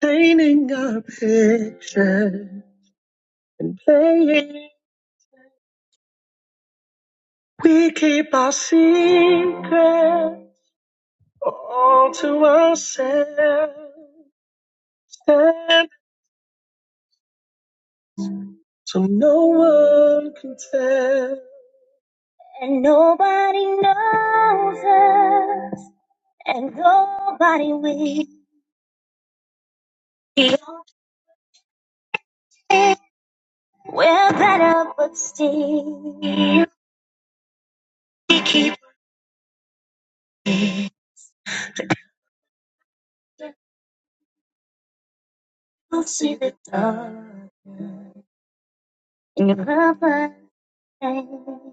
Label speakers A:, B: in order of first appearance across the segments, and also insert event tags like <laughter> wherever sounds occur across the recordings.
A: Painting a picture and playing. We keep our secrets all to ourselves, and so no one can tell. And nobody knows us, and nobody will. We're better, but still, you see the dark of our day.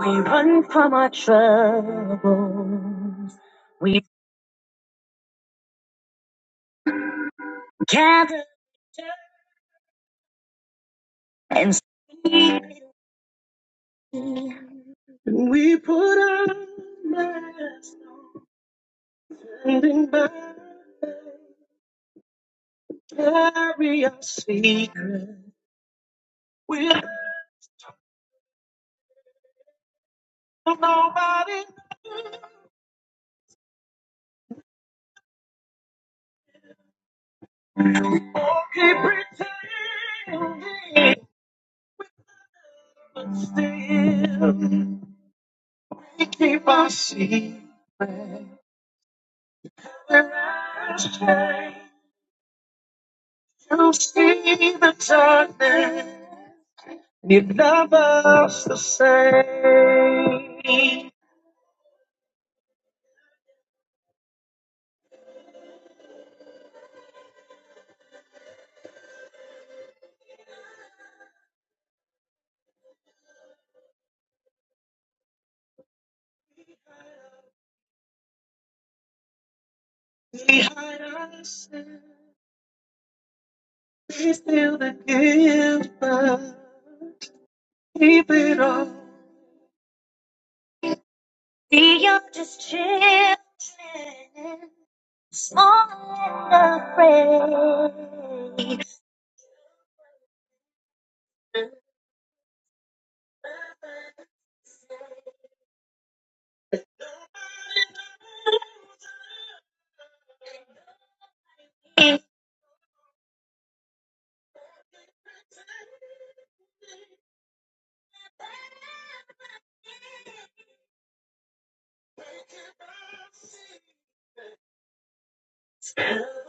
A: We run from our troubles. We gather and speak. And we put on masks, standing by, carry our secret. We'll tell nobody, knows, or keep pretending. But still, we keep our secret. We're ashamed. You see the darkness. You love us the same. Behind us, we feel the guilt, but keep it all. We are just children, small and afraid.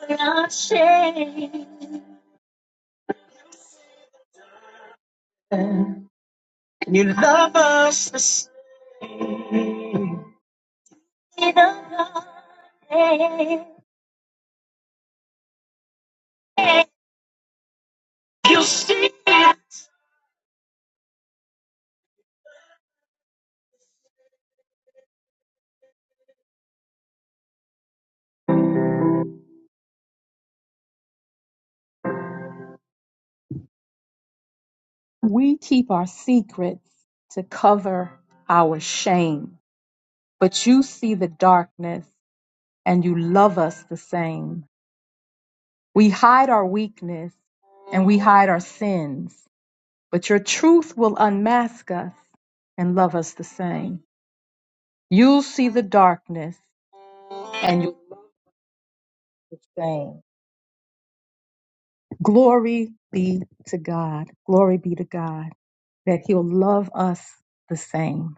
A: We're not ashamed. You love us the same. You see We keep our secrets to cover our shame, but you see the darkness and you love us the same. We hide our weakness and we hide our sins, but your truth will unmask us and love us the same. You see the darkness and you love us the same. Glory be to God. Glory be to God that He'll love us the same.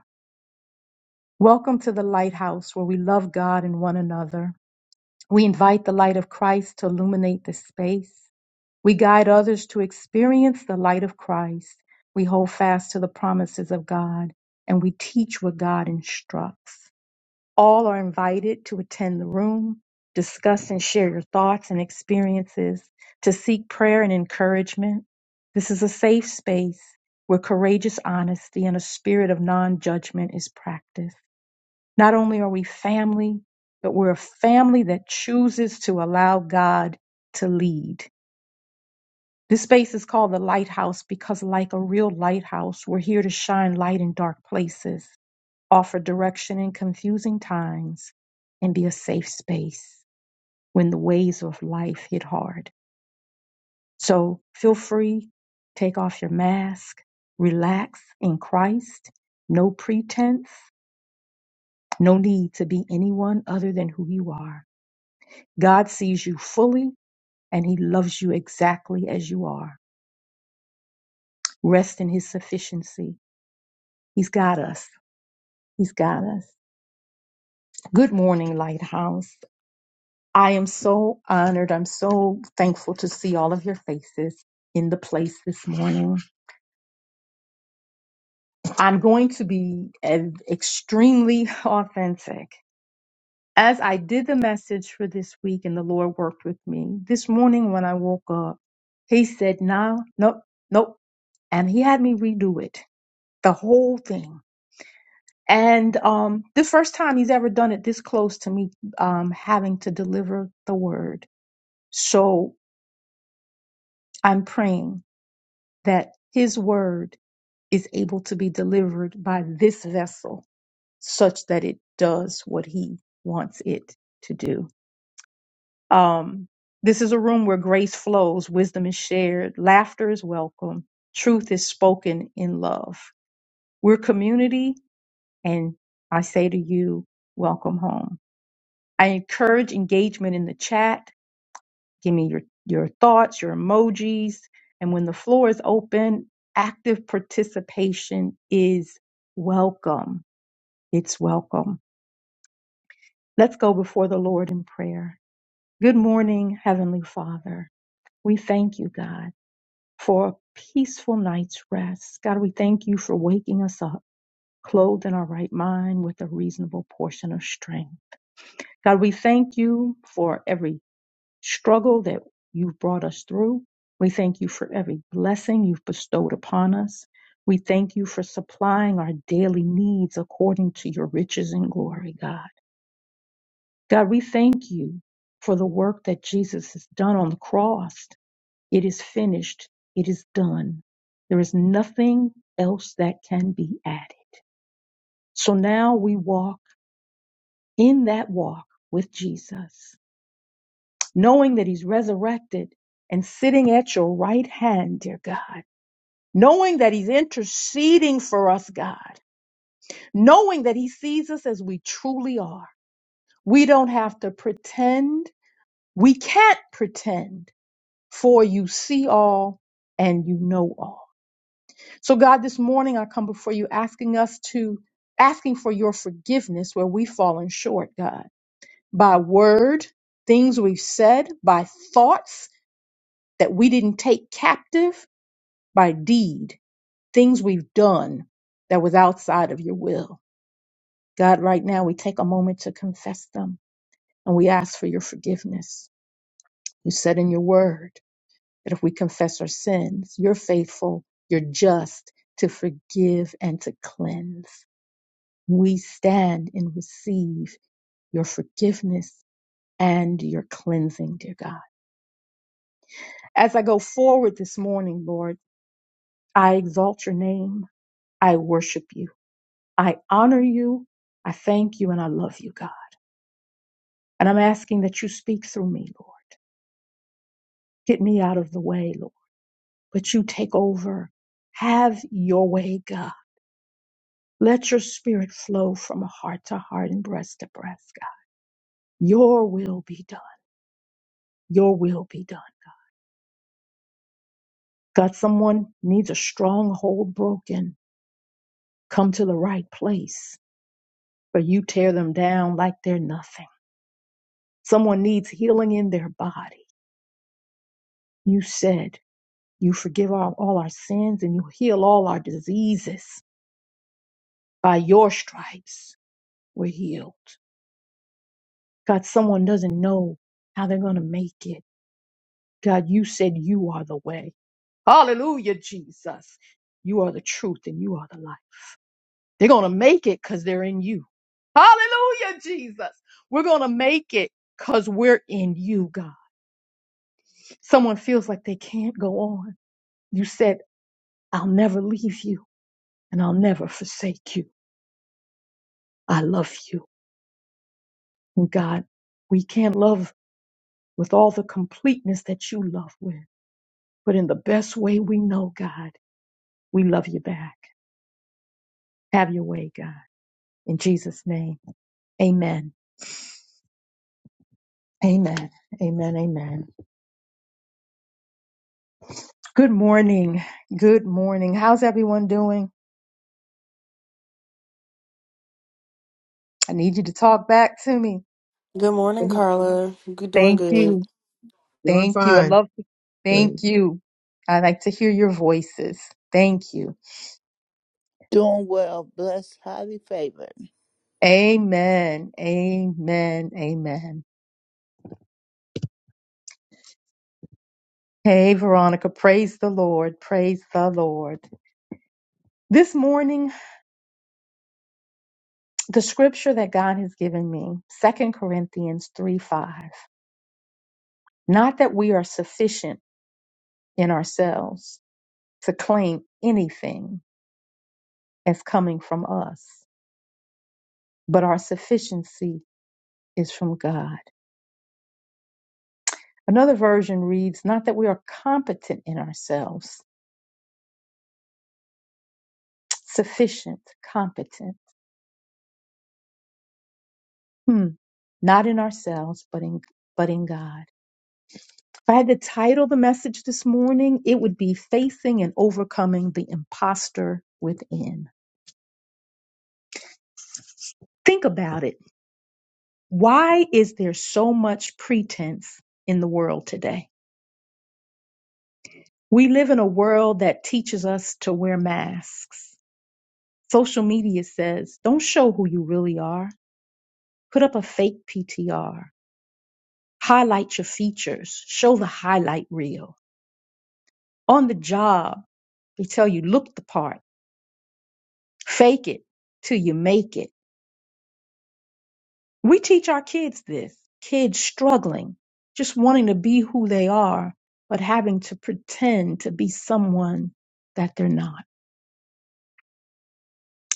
A: Welcome to the lighthouse where we love God and one another. We invite the light of Christ to illuminate the space. We guide others to experience the light of Christ. We hold fast to the promises of God and we teach what God instructs. All are invited to attend the room, discuss and share your thoughts and experiences, to seek prayer and encouragement. This is a safe space where courageous honesty and a spirit of non judgment is practiced. Not only are we family, but we're a family that chooses to allow God to lead. This space is called the lighthouse because, like a real lighthouse, we're here to shine light in dark places offer direction in confusing times, and be a safe space when the waves of life hit hard. So feel free, take off your mask, relax in Christ, no pretense, no need to be anyone other than who you are. God sees you fully and he loves you exactly as you are. Rest in his sufficiency. He's got us. He's got us. Good morning, Lighthouse. I am so honored. I'm so thankful to see all of your faces in the place this morning. I'm going to be eh, extremely authentic. As I did the message for this week and the Lord worked with me, this morning when I woke up, He said, "No, nope, nope. And He had me redo it, the whole thing. And um, the first time He's ever done it this close to me um, having to deliver the word. So I'm praying that his word is able to be delivered by this vessel such that it does what he wants it to do. Um, this is a room where grace flows, wisdom is shared, laughter is welcome, truth is spoken in love. We're community, and I say to you, welcome home. I encourage engagement in the chat Give me your, your thoughts, your emojis. And when the floor is open, active participation is welcome. It's welcome. Let's go before the Lord in prayer. Good morning, Heavenly Father. We thank you, God, for a peaceful night's rest. God, we thank you for waking us up, clothed in our right mind with a reasonable portion of strength. God, we thank you for every struggle that you've brought us through. We thank you for every blessing you've bestowed upon us. We thank you for supplying our daily needs according to your riches and glory, God. God, we thank you for the work that Jesus has done on the cross. It is finished, it is done. There is nothing else that can be added. So now we walk in that walk with Jesus. knowing that he's resurrected and sitting at your right hand, dear God, knowing that he's interceding for us, God, knowing that he sees us as we truly are. We don't have to pretend. We can't pretend, for you see all and you know all. So, God, this morning I come before you asking us to, asking for your forgiveness where we've fallen short, God, by word, things we've said, by thoughts that we didn't take captive by deed, things we've done that was outside of your will. God, right now we take a moment to confess them and we ask for your forgiveness. You said in your word that if we confess our sins, you're faithful, you're just to forgive and to cleanse. We stand and receive your forgiveness and your cleansing, dear God. As I go forward this morning, Lord, I exalt your name. I worship you. I honor you. I thank you and I love you, God. And I'm asking that you speak through me, Lord. Get me out of the way, Lord. But you take over. Have your way, God. Let your spirit flow from heart to heart and breast to breast, God. Your will be done. Your will be done. God, someone needs a stronghold broken. Come to the right place, but you tear them down like they're nothing. Someone needs healing in their body. You said, You forgive all, all our sins and you heal all our diseases. By your stripes, we're healed. God, someone doesn't know how they're going to make it. God, you said you are the way. Hallelujah, Jesus. You are the truth and you are the light. They're going to make it because they're in you. Hallelujah, Jesus. We're going to make it because we're in you, God. Someone feels like they can't go on. You said, I'll never leave you and I'll never forsake you. I love you. And God, we can't love with all the completeness that you love with, but in the best way we know, God, we love you back. Have your way, God. In Jesus' name, amen. Amen. Amen. Amen. Good morning. Good morning. How's everyone doing? I need you to talk back to me.
B: Good morning, Carla. Good doing
A: Thank
B: good.
A: you.
C: Doing
A: Thank you. I
C: fine.
A: love you.
C: Great.
A: Thank
C: Good
A: you. I like to hear your voices. Thank you.
D: Doing well, blessed, highly favored.
A: Amen. Amen. Amen. Hey, Veronica, praise the Lord, praise the Lord. This morning, the scripture that God has given me, Second Corinthians 3 5. Not that we are sufficient in ourselves to claim anything as coming from us, but our sufficiency is from God. Another version reads, Not that we are competent in ourselves, sufficient, competent. Hmm. Not in ourselves, but in but in God. If I had to title the message this morning, it would be Facing and Overcoming the Imposter Within. Think about it. Why is there so much pretense in the world today? We live in a world that teaches us to wear masks. Social media says, don't show who you really are. Put up a fake PTR. Highlight your features. Show the highlight reel. On the job, they tell you, look the part. Fake it till you make it We teach our kids this kids struggling, just wanting to be who they are, but having to pretend to be someone that they're not.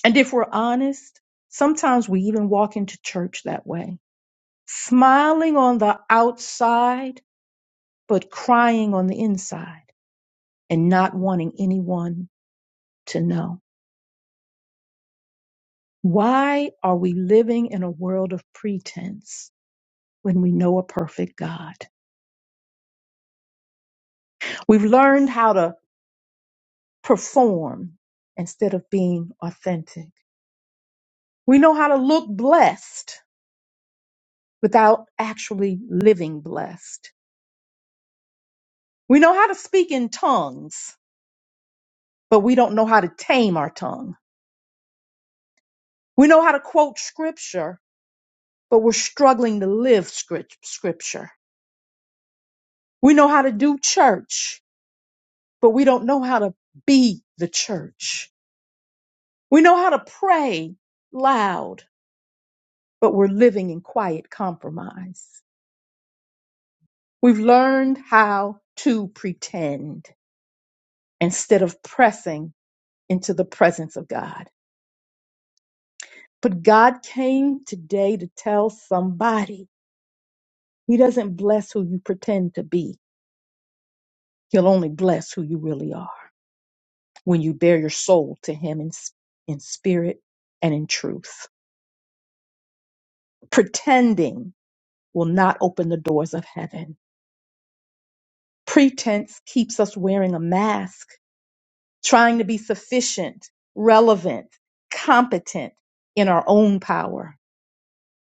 A: And if we're honest, sometimes we even walk into church that way, smiling on the outside, but crying on the inside and not wanting anyone to know. Why are we living in a world of pretense when we know a perfect God? We've learned how to perform instead of being authentic. We know how to look blessed without actually living blessed. We know how to speak in tongues, but we don't know how to tame our tongue. We know how to quote scripture, but we're struggling to live script- scripture. We know how to do church, but we don't know how to be the church. We know how to pray loud, but we're living in quiet compromise. We've learned how to pretend instead of pressing into the presence of God. But God came today to tell somebody He doesn't bless who you pretend to be, He'll only bless who you really are when you bear your soul to Him in, s- in spirit and in truth. Pretending will not open the doors of heaven. Pretense keeps us wearing a mask trying to be sufficient, relevant, competent in our own power.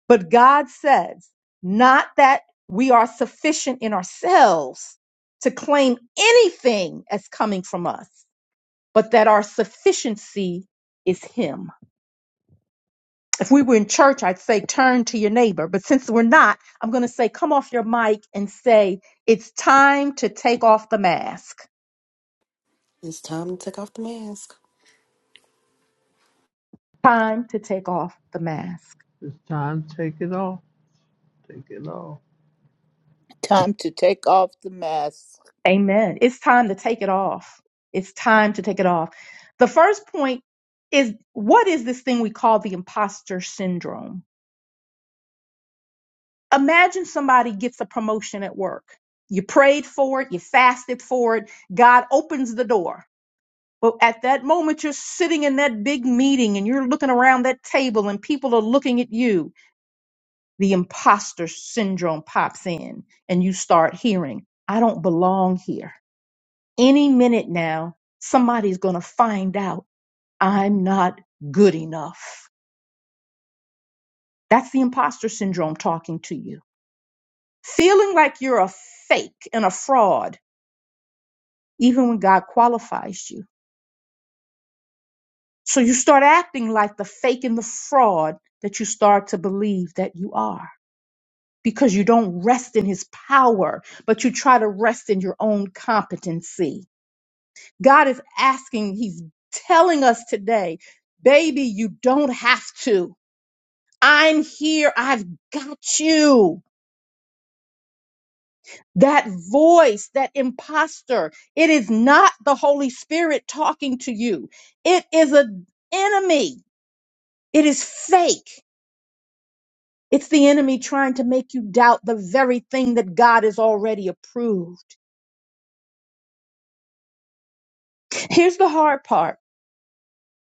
A: But God says, not that we are sufficient in ourselves to claim anything as coming from us, but that our sufficiency is Him. If we were in church, I'd say, turn to your neighbor. But since we're not, I'm going to say, come off your mic and say, it's time to take off the mask.
B: It's time to take off the mask.
A: Time to take off the mask.
E: It's time to take it off. Take it off
D: Time to take off the mask
A: Amen. It's time to take it off. It's time to take it off. The first point is what is this thing we call the imposter syndrome? Imagine somebody gets a promotion at work. You prayed for it, you fasted for it, God opens the door. But at that moment, you're sitting in that big meeting and you're looking around that table and people are looking at you. The imposter syndrome pops in and you start hearing, I don't belong here. Any minute now, somebody's going to find out I'm not good enough. That's the imposter syndrome talking to you. Feeling like you're a fake and a fraud, even when God qualifies you. So you start acting like the fake and the fraud that you start to believe that you are because you don't rest in his power, but you try to rest in your own competency. God is asking, he's telling us today, baby, you don't have to. I'm here. I've got you. That voice, that imposter, it is not the Holy Spirit talking to you. It is an enemy. It is fake. It's the enemy trying to make you doubt the very thing that God has already approved. Here's the hard part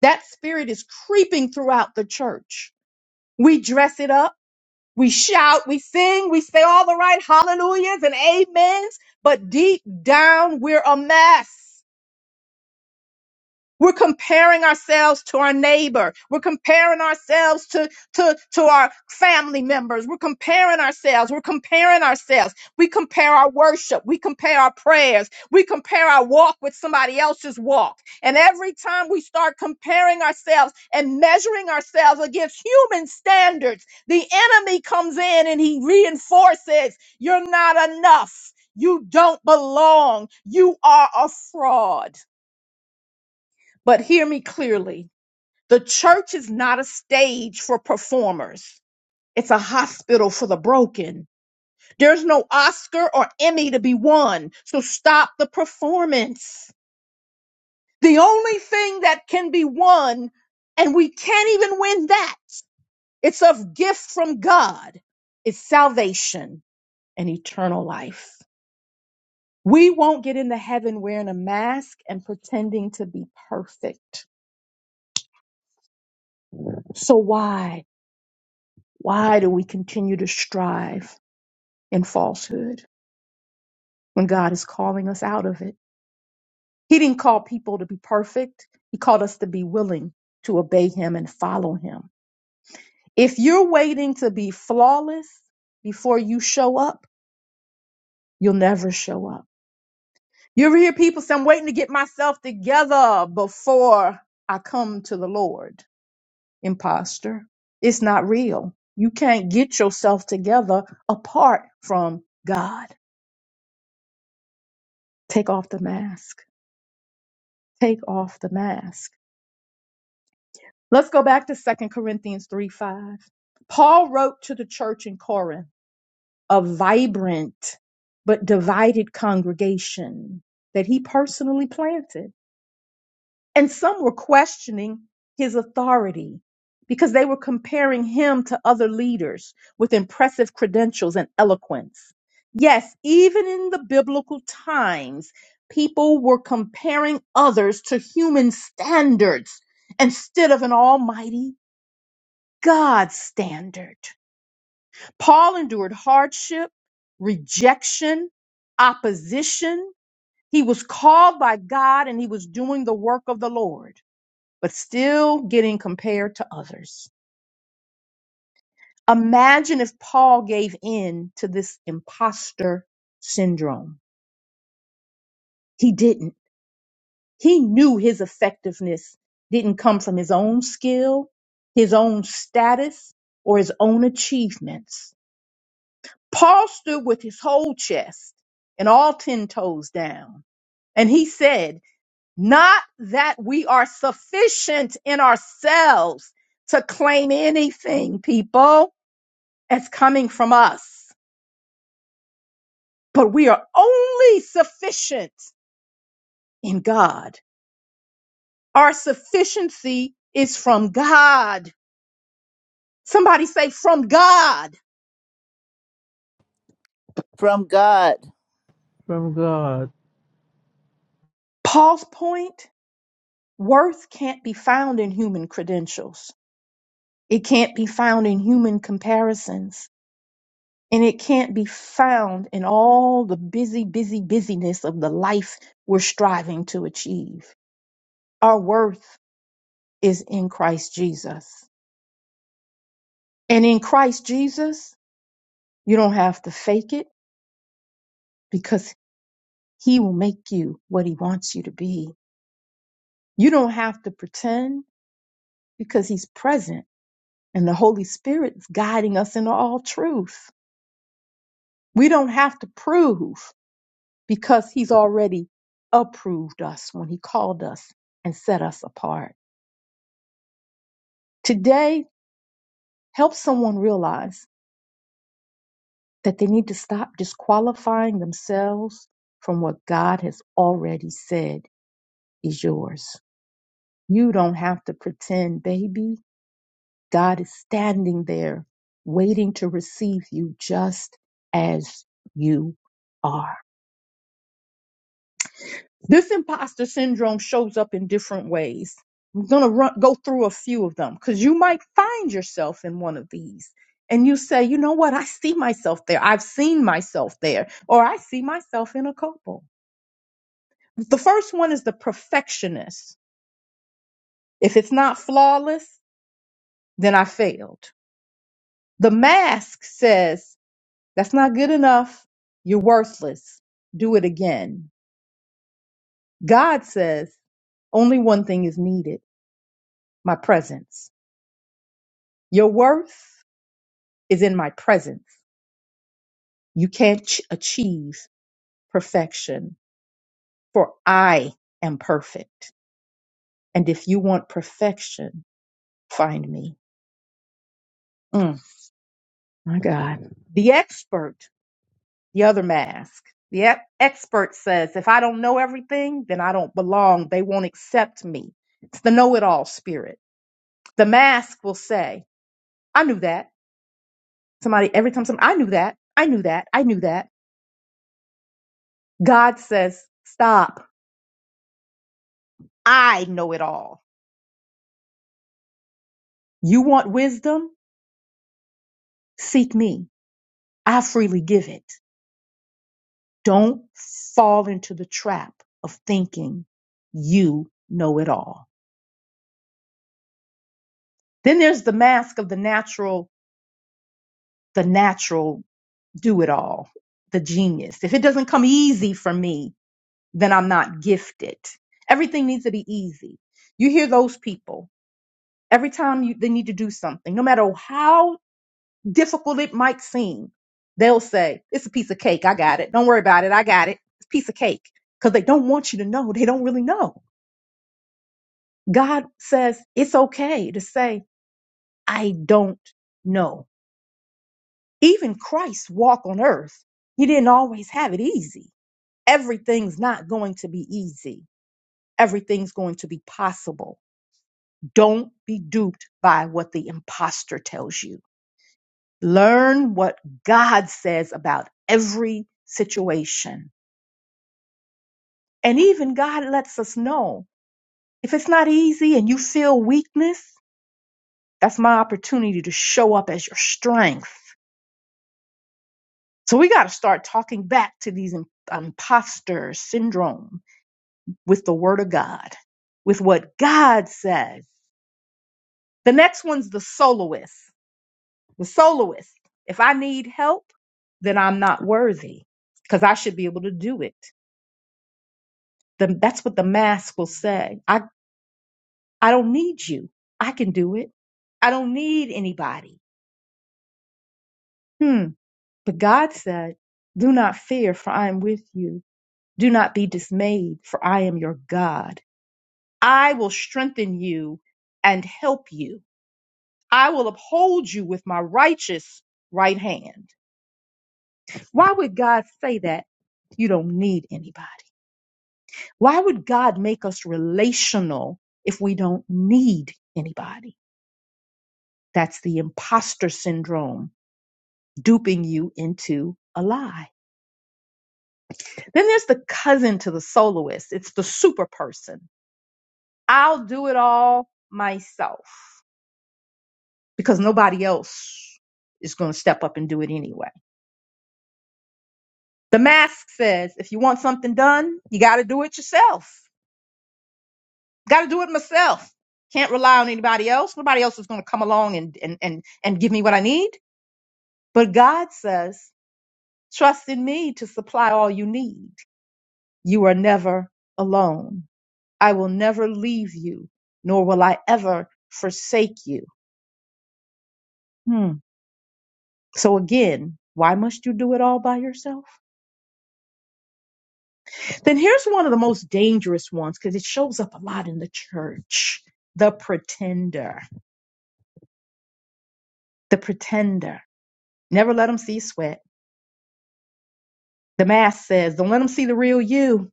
A: that spirit is creeping throughout the church. We dress it up, we shout, we sing, we say all the right hallelujahs and amens, but deep down, we're a mess. We're comparing ourselves to our neighbor. We're comparing ourselves to, to, to our family members. We're comparing ourselves. We're comparing ourselves. We compare our worship. We compare our prayers. We compare our walk with somebody else's walk. And every time we start comparing ourselves and measuring ourselves against human standards, the enemy comes in and he reinforces you're not enough. You don't belong. You are a fraud. But hear me clearly the church is not a stage for performers, it's a hospital for the broken. There's no Oscar or Emmy to be won, so stop the performance. The only thing that can be won, and we can't even win that, it's a gift from God, it's salvation and eternal life. We won't get into heaven wearing a mask and pretending to be perfect. So why? Why do we continue to strive in falsehood when God is calling us out of it? He didn't call people to be perfect. He called us to be willing to obey him and follow him. If you're waiting to be flawless before you show up, you'll never show up. You ever hear people say, I'm waiting to get myself together before I come to the Lord? Imposter. It's not real. You can't get yourself together apart from God. Take off the mask take off the mask. Let's go back to Second Corinthians 3 5. Paul wrote to the church in Corinth, a vibrant but divided congregation that he personally planted. And some were questioning his authority because they were comparing him to other leaders with impressive credentials and eloquence. Yes, even in the biblical times, people were comparing others to human standards instead of an almighty God standard. Paul endured hardship, rejection, opposition. He was called by God and he was doing the work of the Lord but still getting compared to others. Imagine if Paul gave in to this imposter syndrome. He didn't. He knew his effectiveness didn't come from his own skill, his own status, or his own achievements. Paul stood with his whole chest and all 10 toes down, and he said, Not that we are sufficient in ourselves to claim anything, people as coming from us, but we are only sufficient in God. Our sufficiency is from God. Somebody say, from God.
D: from God.
E: from God.
A: Paul's point worth can't be found in human credentials, it can't be found in human comparisons. And it can't be found in all the busy, busy, busyness of the life we're striving to achieve. Our worth is in Christ Jesus. And in Christ Jesus, You don't have to fake it because he will make you what he wants you to be. You don't have to pretend because he's present and the Holy Spirit is guiding us into all truth. We don't have to prove because he's already approved us when he called us and set us apart. Today, help someone realize that they need to stop disqualifying themselves from what God has already said is yours. You don't have to pretend, baby God is standing there waiting to receive you just as you are. This imposter syndrome shows up in different ways. I'm going to run, go through a few of them because you might find yourself in one of these and you say, you know what? I see myself there. I've seen myself there, or I see myself in a couple. The first one is the perfectionist. If it's not flawless, then I failed. The mask says, That's not good enough. You're worthless. Do it again. God says only one thing is needed my presence. Your worth is in my presence. You can't ch- achieve perfection, for I am perfect. And if you want perfection, find me. Mm, my God. The expert, the other mask, the e- expert says, if I don't know everything, then I don't belong. They won't accept me. It's the know it all spirit The mask will say, I knew that. Somebody, every time somebody, I knew that. I knew that. I knew that. God says, stop. I know it all. You want wisdom? Seek me. I freely give it. Don't fall into the trap of thinking you know it all. Then there's the mask of the natural, the natural do it all, the genius. If it doesn't come easy for me, then I'm not gifted. Everything needs to be easy. You hear those people Every time you, they need to do something, no matter how difficult it might seem, they'll say, it's a piece of cake. I got it. Don't worry about it. I got it. It's a piece of cake. Cause they don't want you to know. They don't really know. God says it's okay to say, I don't know. Even Christ's walk on earth, he didn't always have it easy. Everything's not going to be easy. Everything's going to be possible. Don't be duped by what the imposter tells you Learn what God says about every situation. And even God lets us know if it's not easy and you feel weakness, that's my opportunity to show up as your strength. So we got to start talking back to these im- imposter syndrome with the word of God, with what God says. The next one's the soloist. The soloist. If I need help, then I'm not worthy because I should be able to do it. The, that's what the mask will say. I, I don't need you. I can do it. I don't need anybody. Hmm. But God said, do not fear for I am with you. Do not be dismayed for I am your God. I will strengthen you and help you. I will uphold you with my righteous right hand. Why would God say that? You don't need anybody. Why would God make us relational if we don't need anybody? That's the imposter syndrome, duping you into a lie. Then there's the cousin to the soloist. It's the super person. I'll do it all myself because nobody else is going to step up and do it anyway. The mask says if you want something done, you got to do it yourself. Got to do it myself. Can't rely on anybody else. Nobody else is going to come along and, and, and, and give me what I need. But God says, trust in me to supply all you need. You are never alone. I will never leave you, nor will I ever forsake you. Hmm. So again, why must you do it all by yourself? Then here's one of the most dangerous ones because it shows up a lot in the church. The pretender. The pretender. Never let them see sweat. The mass says, don't let them see the real you.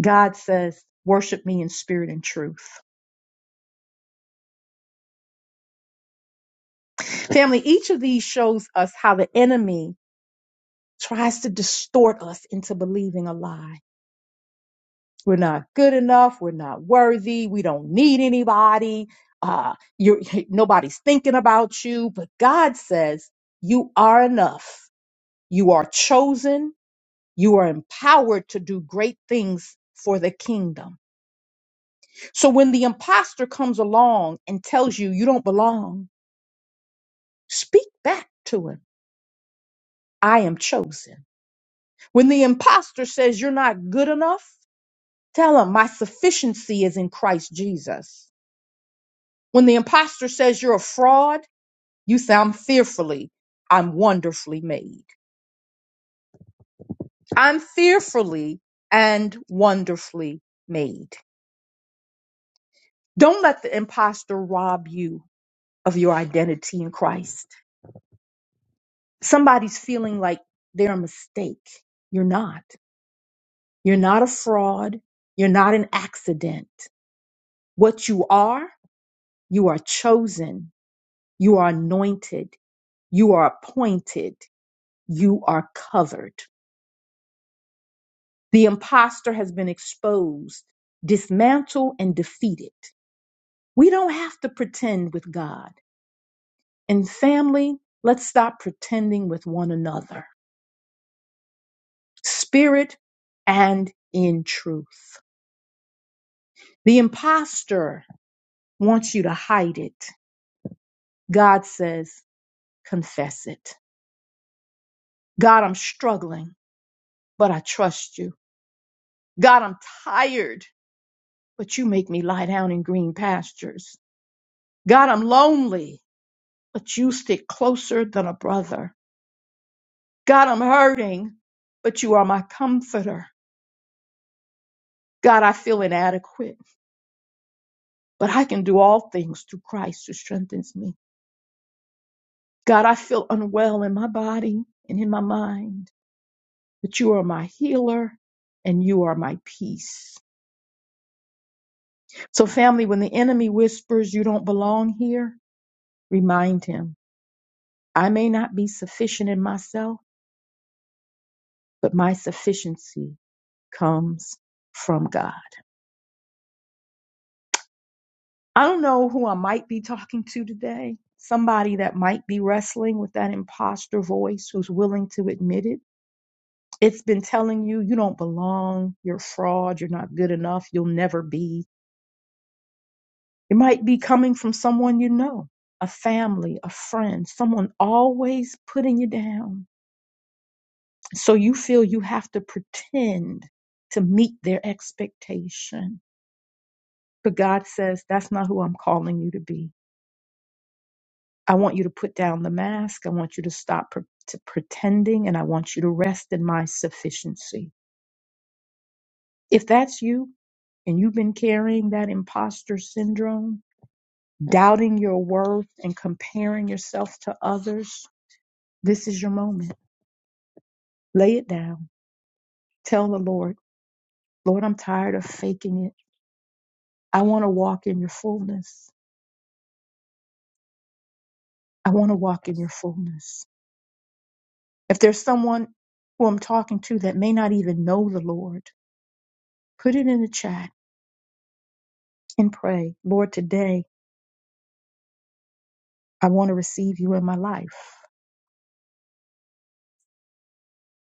A: God says, worship me in spirit and truth. Family, each of these shows us how the enemy tries to distort us into believing a lie. We're not good enough. We're not worthy. We don't need anybody. Uh, you're, <laughs> nobody's thinking about you. But God says you are enough. You are chosen. You are empowered to do great things for the kingdom. So when the imposter comes along and tells you you don't belong, speak back to him. I am chosen. When the imposter says you're not good enough, Tell him my sufficiency is in Christ Jesus. When the imposter says you're a fraud, you say, I'm fearfully, I'm wonderfully made. I'm fearfully and wonderfully made. Don't let the imposter rob you of your identity in Christ. Somebody's feeling like they're a mistake. You're not. You're not a fraud. You're not an accident. What you are, you are chosen. You are anointed You are appointed. You are covered. The imposter has been exposed, dismantled, and defeated. We don't have to pretend with God. And family, let's stop pretending with one another, spirit and in truth. The imposter wants you to hide it. God says, confess it. God, I'm struggling, but I trust you. God, I'm tired, but you make me lie down in green pastures. God, I'm lonely, but you stick closer than a brother. God, I'm hurting, but you are my comforter. God, I feel inadequate, but I can do all things through Christ who strengthens me. God, I feel unwell in my body and in my mind, but you are my healer and you are my peace. So, family, when the enemy whispers you don't belong here, remind him I may not be sufficient in myself, but my sufficiency comes from God. I don't know who I might be talking to today. Somebody that might be wrestling with that imposter voice who's willing to admit it. It's been telling you you don't belong, you're a fraud, you're not good enough, you'll never be. It might be coming from someone you know, a family, a friend, someone always putting you down. So you feel you have to pretend to meet their expectation. But God says, that's not who I'm calling you to be. I want you to put down the mask. I want you to stop pre- to pretending and I want you to rest in my sufficiency. If that's you and you've been carrying that imposter syndrome, doubting your worth and comparing yourself to others, this is your moment. Lay it down. Tell the Lord, Lord, I'm tired of faking it. I want to walk in your fullness. I want to walk in your fullness. If there's someone who I'm talking to that may not even know the Lord, put it in the chat and pray, Lord, today I want to receive you in my life.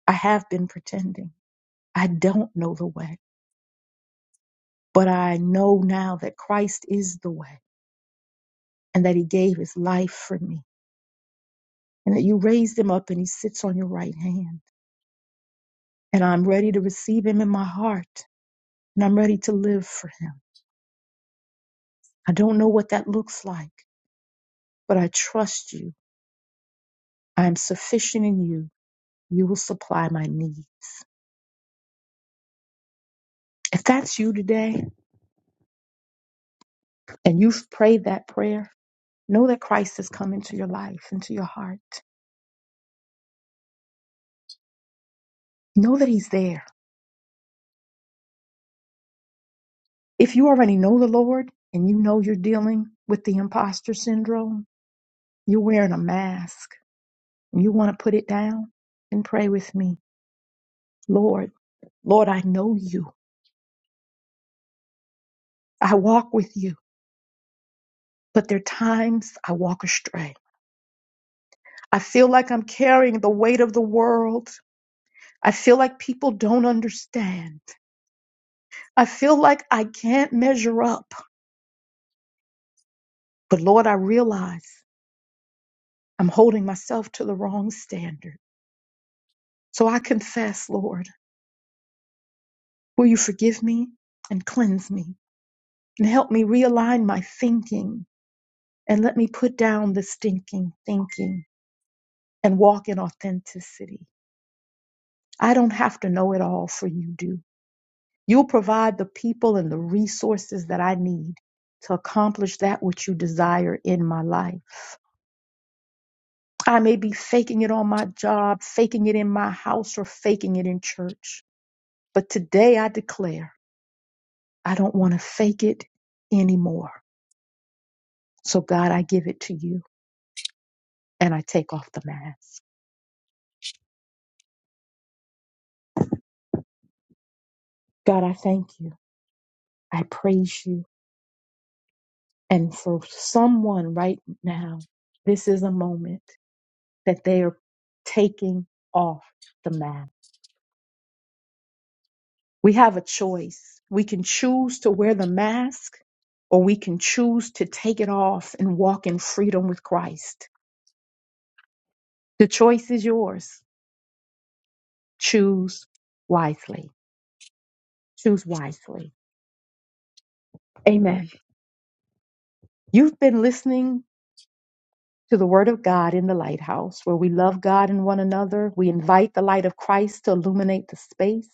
A: I have been pretending. I don't know the way, but I know now that Christ is the way and that he gave his life for me and that you raised him up and he sits on your right hand. And I'm ready to receive him in my heart and I'm ready to live for him. I don't know what that looks like, but I trust you. I am sufficient in you. You will supply my needs. If that's you today and you've prayed that prayer, Know that Christ has come into your life, into your heart. Know that He's there. If you already know the Lord and you know you're dealing with the imposter syndrome, you're wearing a mask and you want to put it down, and pray with me. Lord, Lord, I know you. I walk with you, but there are times I walk astray. I feel like I'm carrying the weight of the world. I feel like people don't understand. I feel like I can't measure up. But Lord, I realize. I'm holding myself to the wrong standard. So I confess, Lord, will you forgive me and cleanse me and help me realign my thinking and let me put down the stinking thinking and walk in authenticity. I don't have to know it all for you do. You'll provide the people and the resources that I need to accomplish that which you desire in my life. I may be faking it on my job, faking it in my house, or faking it in church. But today I declare. I don't want to fake it anymore. So, God, I give it to you and I take off the mask. God, I thank you. I praise you. And for someone right now, this is a moment that they are taking off the mask. We have a choice. We can choose to wear the mask or we can choose to take it off and walk in freedom with Christ. The choice is yours. Choose wisely. Choose wisely. Amen. You've been listening to the Word of God in the Lighthouse, where we love God and one another. We invite the light of Christ to illuminate the space.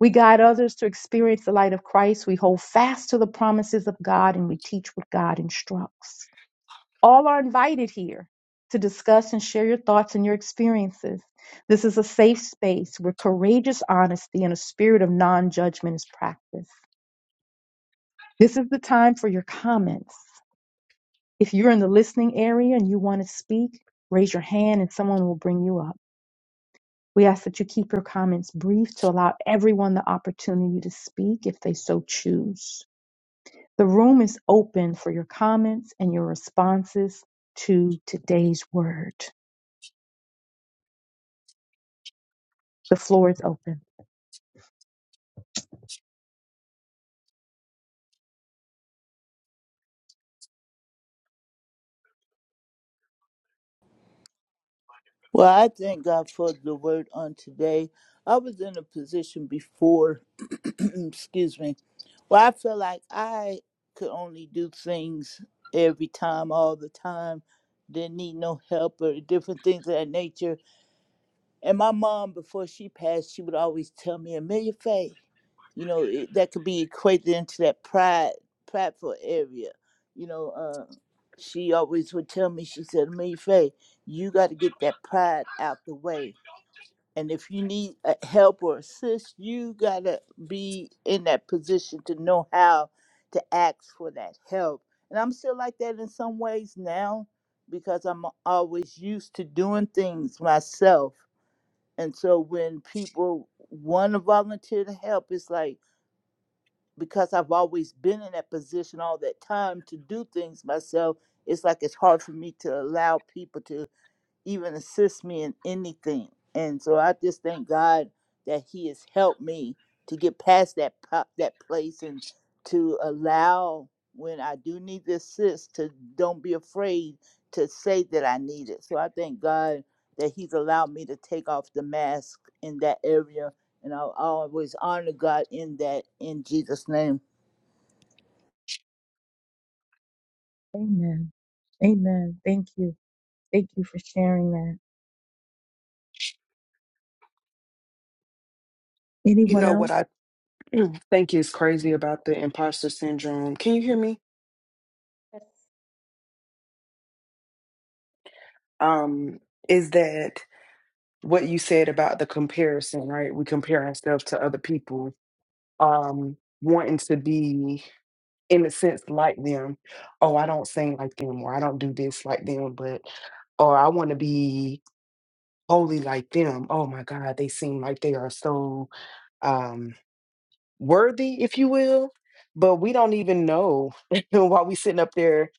A: We guide others to experience the light of Christ. We hold fast to the promises of God and we teach what God instructs. All are invited here to discuss and share your thoughts and your experiences. This is a safe space where courageous honesty and a spirit of non judgment is practiced. This is the time for your comments. If you're in the listening area and you want to speak, raise your hand and someone will bring you up. We ask that you keep your comments brief to allow everyone the opportunity to speak if they so choose. The room is open for your comments and your responses to today's word. The floor is open.
D: Well, I thank God for the word on today. I was in a position before, <clears throat> excuse me, where I felt like I could only do things every time, all the time, didn't need no help or different things of that nature. And my mom, before she passed, she would always tell me, Amelia Faye, you know, it, that could be equated into that pride, prideful area. You know, uh, she always would tell me, she said, Amelia Faye, you got to get that pride out the way. And if you need uh, help or assist, you got to be in that position to know how to ask for that help. And I'm still like that in some ways now because I'm always used to doing things myself and so when people want to volunteer to help, it's like because I've always been in that position all that time to do things myself, it's like it's hard for me to allow people to even assist me in anything. And so I just thank God that He has helped me to get past that po- that place and to allow when I do need the assist to don't be afraid to say that I need it. So I thank God that He's allowed me to take off the mask in that area, and I will always honor God in that in Jesus' name.
A: Amen. Amen. Thank you. Thank you for sharing that.
B: You
A: Anyone
B: know
A: else?
B: what I <clears throat> think is crazy about the imposter syndrome? Can you hear me? Um, is that what you said about the comparison, right? We compare ourselves to other people, um, wanting to be, in a sense, like them. Oh, I don't sing like them, or I don't do this like them, but, or I want to be wholly like them. Oh my God, they seem like they are so. um, worthy, if you will, but we don't even know <laughs> while we sitting up there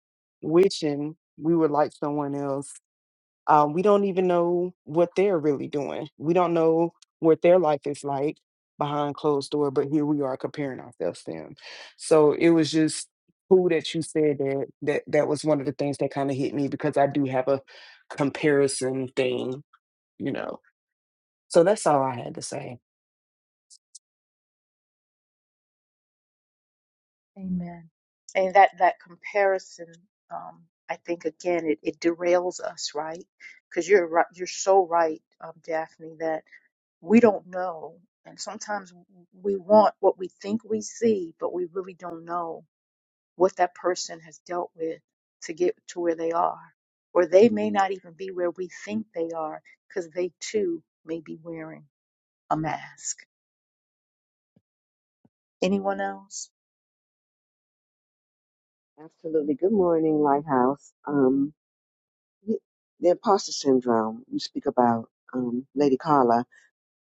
B: wishing we were like someone else. Um, we don't even know what they're really doing. We don't know what their life is like behind closed door, but here we are comparing ourselves to them. So it was just cool that you said that. That that was one of the things that kind of hit me because I do have a comparison thing, you know. So that's all I had to say.
A: Amen. And that that comparison, um, I think again, it, it derails us, right? Because you're right, you're so right, um, Daphne, that we don't know, and sometimes we want what we think we see, but we really don't know. what that person has dealt with to get to where they are. Or they may not even be where we think they are because they too may be wearing a mask. Anyone else?
F: Absolutely. Good morning, Lighthouse. Um, y- the imposter syndrome you speak about, um, Lady Carla,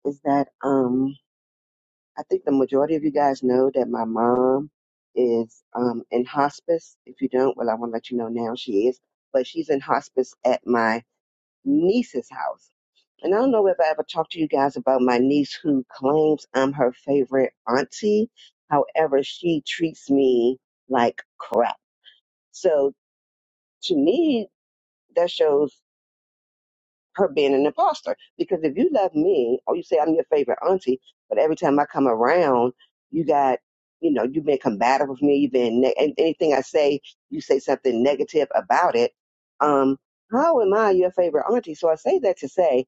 F: is that um, I think the majority of you guys know that my mom is um, in hospice. If you don't, well, I want to let you know now she is, but she's in hospice at my niece's house. And I don't know if I ever talked to you guys about my niece who claims I'm her favorite auntie. However, she treats me like crap. So to me, that shows her being an imposter. Because if you love me, or you say I'm your favorite auntie, but every time I come around, you got, you know, you've been combative with me. You've been ne- and anything I say, you say something negative about it. Um, how am I your favorite auntie? So I say that to say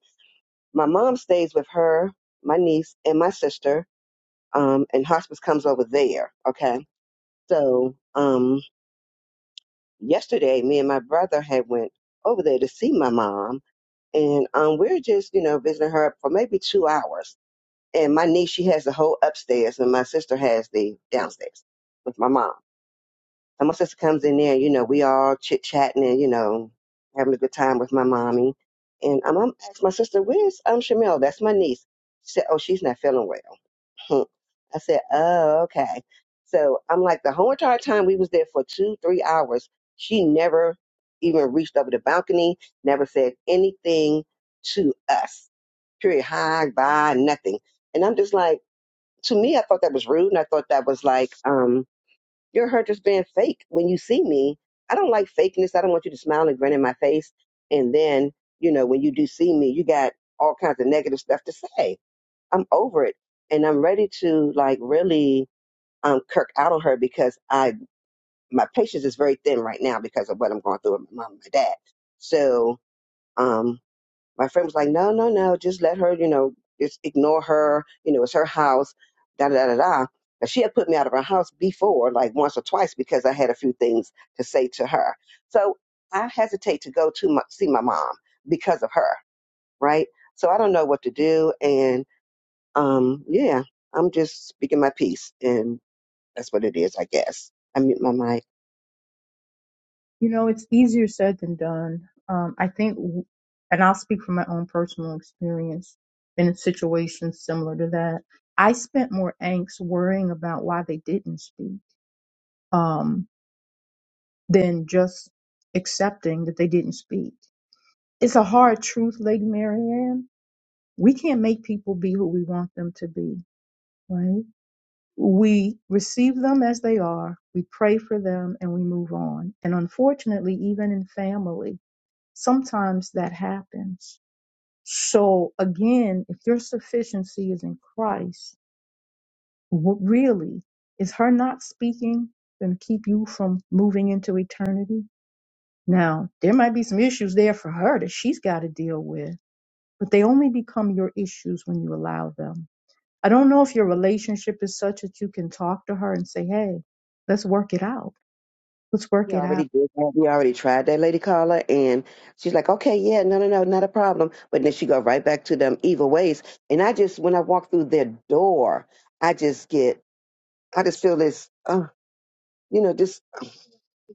F: my mom stays with her, my niece, and my sister, um, and hospice comes over there. Okay, so um, yesterday, me and my brother had went over there to see my mom and um, we are just, you know, visiting her for maybe two hours. And my niece, she has the whole upstairs, and my sister has the downstairs with my mom. So my sister comes in there, you know, we all chit chatting and you know having a good time with my mommy. And um, I'm asked my sister, "Where's um Shamel? That's my niece." She said, "Oh, she's not feeling well." huh. I said, oh, okay. So I'm like, the whole entire time we was there for two, three hours, she never even reached over the balcony, never said anything to us. Period. Hi, bye, nothing. And I'm just like, to me, I thought that was rude. And I thought that was like, um, you're her just being fake when you see me. I don't like fakeness. I don't want you to smile and grin in my face. And then, you know, when you do see me, you got all kinds of negative stuff to say. I'm over it and I'm ready to like really um, kirk out on her because I my patience is very thin right now because of what I'm going through with my mom and my dad. So um, my friend was like, no, no, no, just let her, you know, just ignore her. You know, it's her house. Da da da da. da. Now, she had put me out of her house before, like once or twice, because I had a few things to say to her. So I hesitate to go to my, see my mom because of her, right? So I don't know what to do, and um, yeah, I'm just speaking my piece, and that's what it is, I guess. I mute my mic.
A: You know, it's easier said than done. Um, I think, w- and I'll speak from my own personal experience, been in situations similar to that. I spent more angst worrying about why they didn't speak um, than just accepting that they didn't speak. It's a hard truth, Lady Marianne, we can't make people be who we want them to be, right? We receive them as they are, we pray for them, and we move on. And unfortunately, even in family, sometimes that happens. So again, if your sufficiency is in Christ, what really is her not speaking going to keep you from moving into eternity? Now, there might be some issues there for her that she's got to deal with, but they only become your issues when you allow them I don't know if your relationship is such that you can talk to her and say, hey, let's work it out. Let's
F: We
A: work it
F: already
A: out.
F: did that. We already tried that lady caller, and she's like, "Okay, yeah, no, no, no, not a problem." But then she go right back to them evil ways, and I just, when I walk through their door, I just get, I just feel this, uh, you know, this.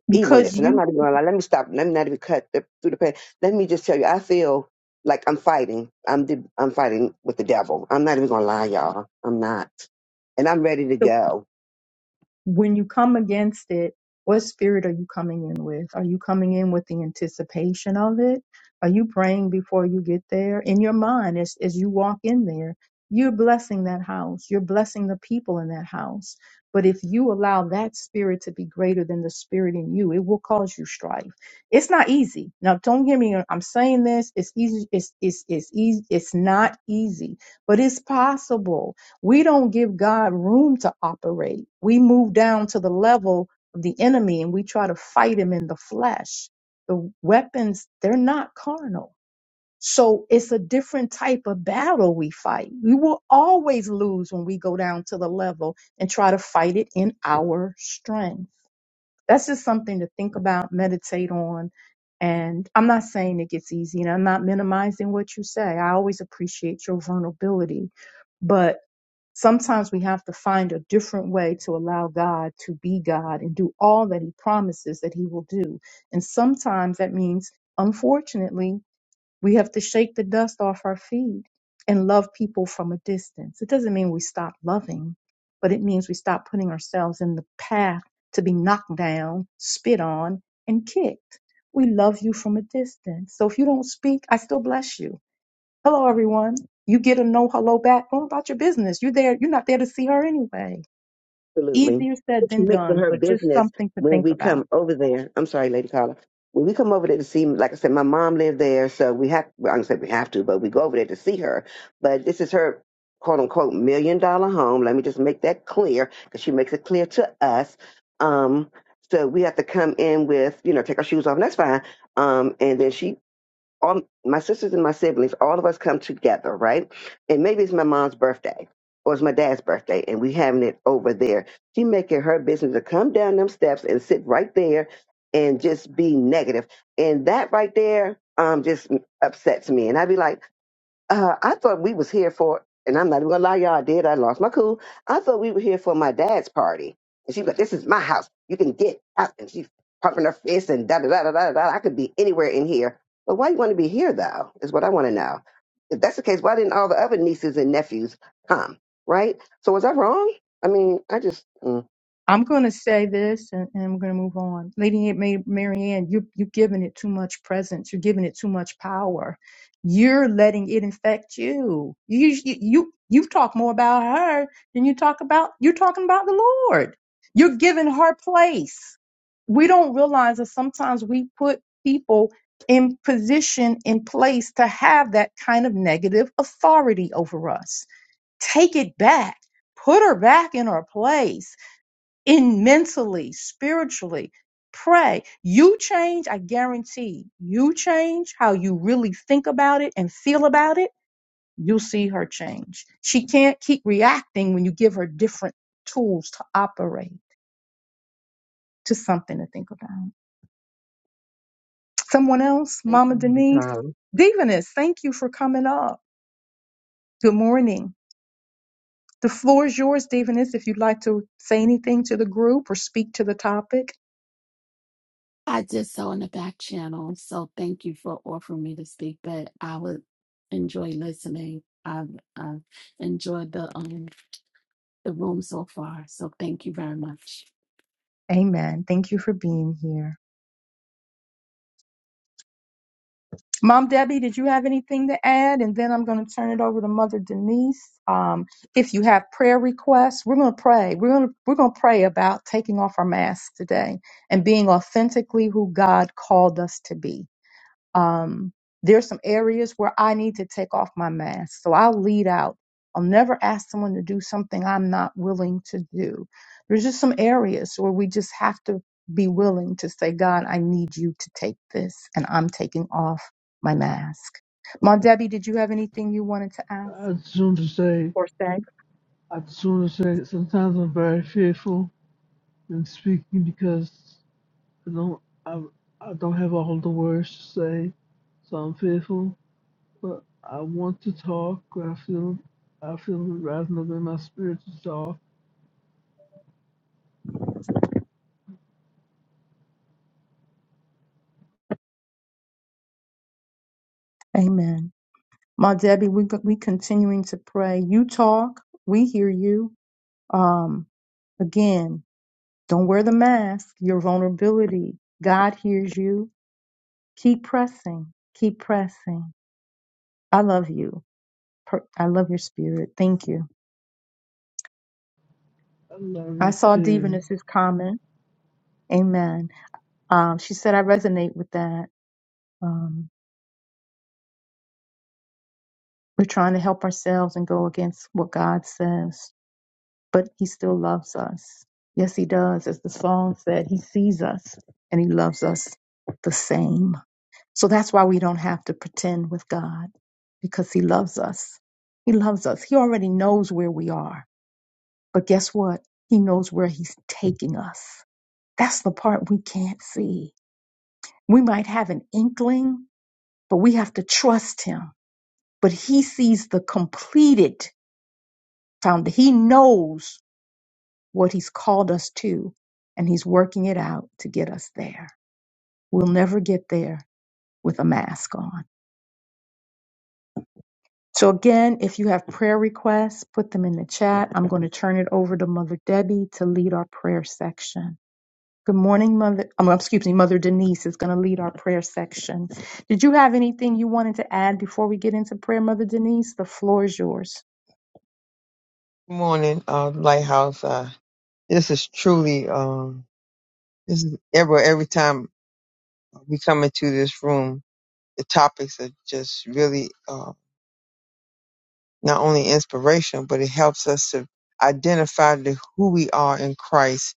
A: Because
F: evilness. And I'm
A: you,
F: not even gonna lie. Let me stop. Let me not even cut the, through the pain. Let me just tell you, I feel like I'm fighting. I'm the, I'm fighting with the devil. I'm not even gonna lie, y'all. I'm not, and I'm ready to go.
A: when you come against it, what spirit are you coming in with? Are you coming in with the anticipation of it? Are you praying before you get there? In your mind, as, as you walk in there, you're blessing that house. You're blessing the people in that house. But if you allow that spirit to be greater than the spirit in you, it will cause you strife. It's not easy. Now, don't get me. I'm saying this. It's easy. It's it's it's easy. It's not easy, but it's possible we don't give God room to operate. We move down to the level of the enemy and we try to fight him in the flesh. The weapons, they're not carnal. So it's a different type of battle we fight. We will always lose when we go down to the level and try to fight it in our strength. That's just something to think about, meditate on. And I'm not saying it gets easy and I'm not minimizing what you say. I always appreciate your vulnerability. But Sometimes we have to find a different way to allow God to be God and do all that He promises that He will do. And sometimes that means, unfortunately, we have to shake the dust off our feet and love people from a distance. It doesn't mean we stop loving, but it means we stop putting ourselves in the path to be knocked down, spit on, and kicked. We love you from a distance. So if you don't speak, I still bless you. Hello, everyone. You get a no hello back. Go about your business. You're there. You're not there to see her anyway.
F: Absolutely.
A: Easier said
F: It's
A: than
F: mixed with
A: done,
F: her
A: but just
F: business
A: something to
F: when
A: think
F: we
A: about.
F: come over there. I'm sorry, Lady Carla. When we come over there to see, like I said, my mom lived there, so we have, well, I don't say we have to, but we go over there to see her. But this is her quote unquote million dollar home. Let me just make that clear because she makes it clear to us. Um, so we have to come in with, you know, take our shoes off, and that's fine. Um, and then she all my sisters and my siblings, all of us come together, right? And maybe it's my mom's birthday or it's my dad's birthday, and we having it over there. She make it her business to come down them steps and sit right there and just be negative. And that right there um just upsets me. And I'd be like, uh, I thought we was here for, and I'm not even gonna lie, y'all I did. I lost my cool. I thought we were here for my dad's party, and she was like, "This is my house. You can get out." And she's pumping her fist and da da da da da. da. I could be anywhere in here, but why you want to be here though? Is what I want to know. If that's the case, why didn't all the other nieces and nephews come? Right? So was I wrong? I mean, I just mm.
A: I'm going to say this and, and I'm going to move on. Lady Ma- Mary Ann, you, you're giving it too much presence. You're giving it too much power. You're letting it infect you. You, you, you, you talk more about her than you talk about, you're talking about the Lord. You're giving her place. We don't realize that sometimes we put people in position, in place to have that kind of negative authority over us. Take it back. Put her back in her place in mentally, spiritually. Pray. You change, I guarantee you change how you really think about it and feel about it. You'll see her change. She can't keep reacting when you give her different tools to operate, to something to think about. Someone else,
F: thank
A: Mama
F: you.
A: Denise. Divinus, thank you for coming up. Good morning. The floor is yours, Divinus, if you'd like to say anything to the group or speak to the topic.
G: I did so in the back channel, so thank you for offering me to speak. But I would enjoy listening. I've, I've enjoyed the um the room so far, so thank you very much.
A: Amen. Thank you for being here. Mom Debbie, did you have anything to add? And then I'm going to turn it over to Mother Denise. Um, if you have prayer requests, we're going to pray. We're going to we're going to pray about taking off our masks today and being authentically who God called us to be um, there's some areas where I need to take off my mask. So I'll lead out. I'll never ask someone to do something I'm not willing to do. There's just some areas where we just have to be willing to say, God, I need you to take this, and I'm taking off my mask. Mom Debbie, did you have anything you wanted to ask?
E: I would sooner say,
A: for sex
E: I would sooner say, sometimes I'm very fearful in speaking because I don't, I, I don't have all the words to say, so I'm fearful. But I want to talk. I feel, I feel rising up in my spirit to talk.
A: Amen. Ma Debbie, we we continuing to pray. You talk, we hear you. Um, again. Don't wear the mask, your vulnerability. God hears you. Keep pressing. Keep pressing. I love you. Per- I love your spirit. Thank you.
E: I love
A: I
E: you
A: saw
E: too.
A: Divinus's comment. Amen. Um, she said, I resonate with that. Um, we're trying to help ourselves and go against what God says, but He still loves us. Yes, He does. As the song said, He sees us and He loves us the same. So that's why we don't have to pretend with God because He loves us. He loves us. He already knows where we are. But guess what? He knows where He's taking us. That's the part we can't see. We might have an inkling, but we have to trust Him. But He sees the completed found. He knows what He's called us to, and He's working it out to get us there. We'll never get there with a mask on. So again, if you have prayer requests, put them in the chat. I'm going to turn it over to Mother Debbie to lead our prayer section. Good morning, Mother. Um, well, excuse me, Mother Denise is going to lead our prayer section. Did you have anything you wanted to add before we get into prayer, Mother Denise? The floor is yours.
C: morning, uh, Lighthouse. Uh, this is truly, um, this is ever every time we come into this room, the topics are just really uh, not only inspirational, but it helps us to identify the, who we are in Christ.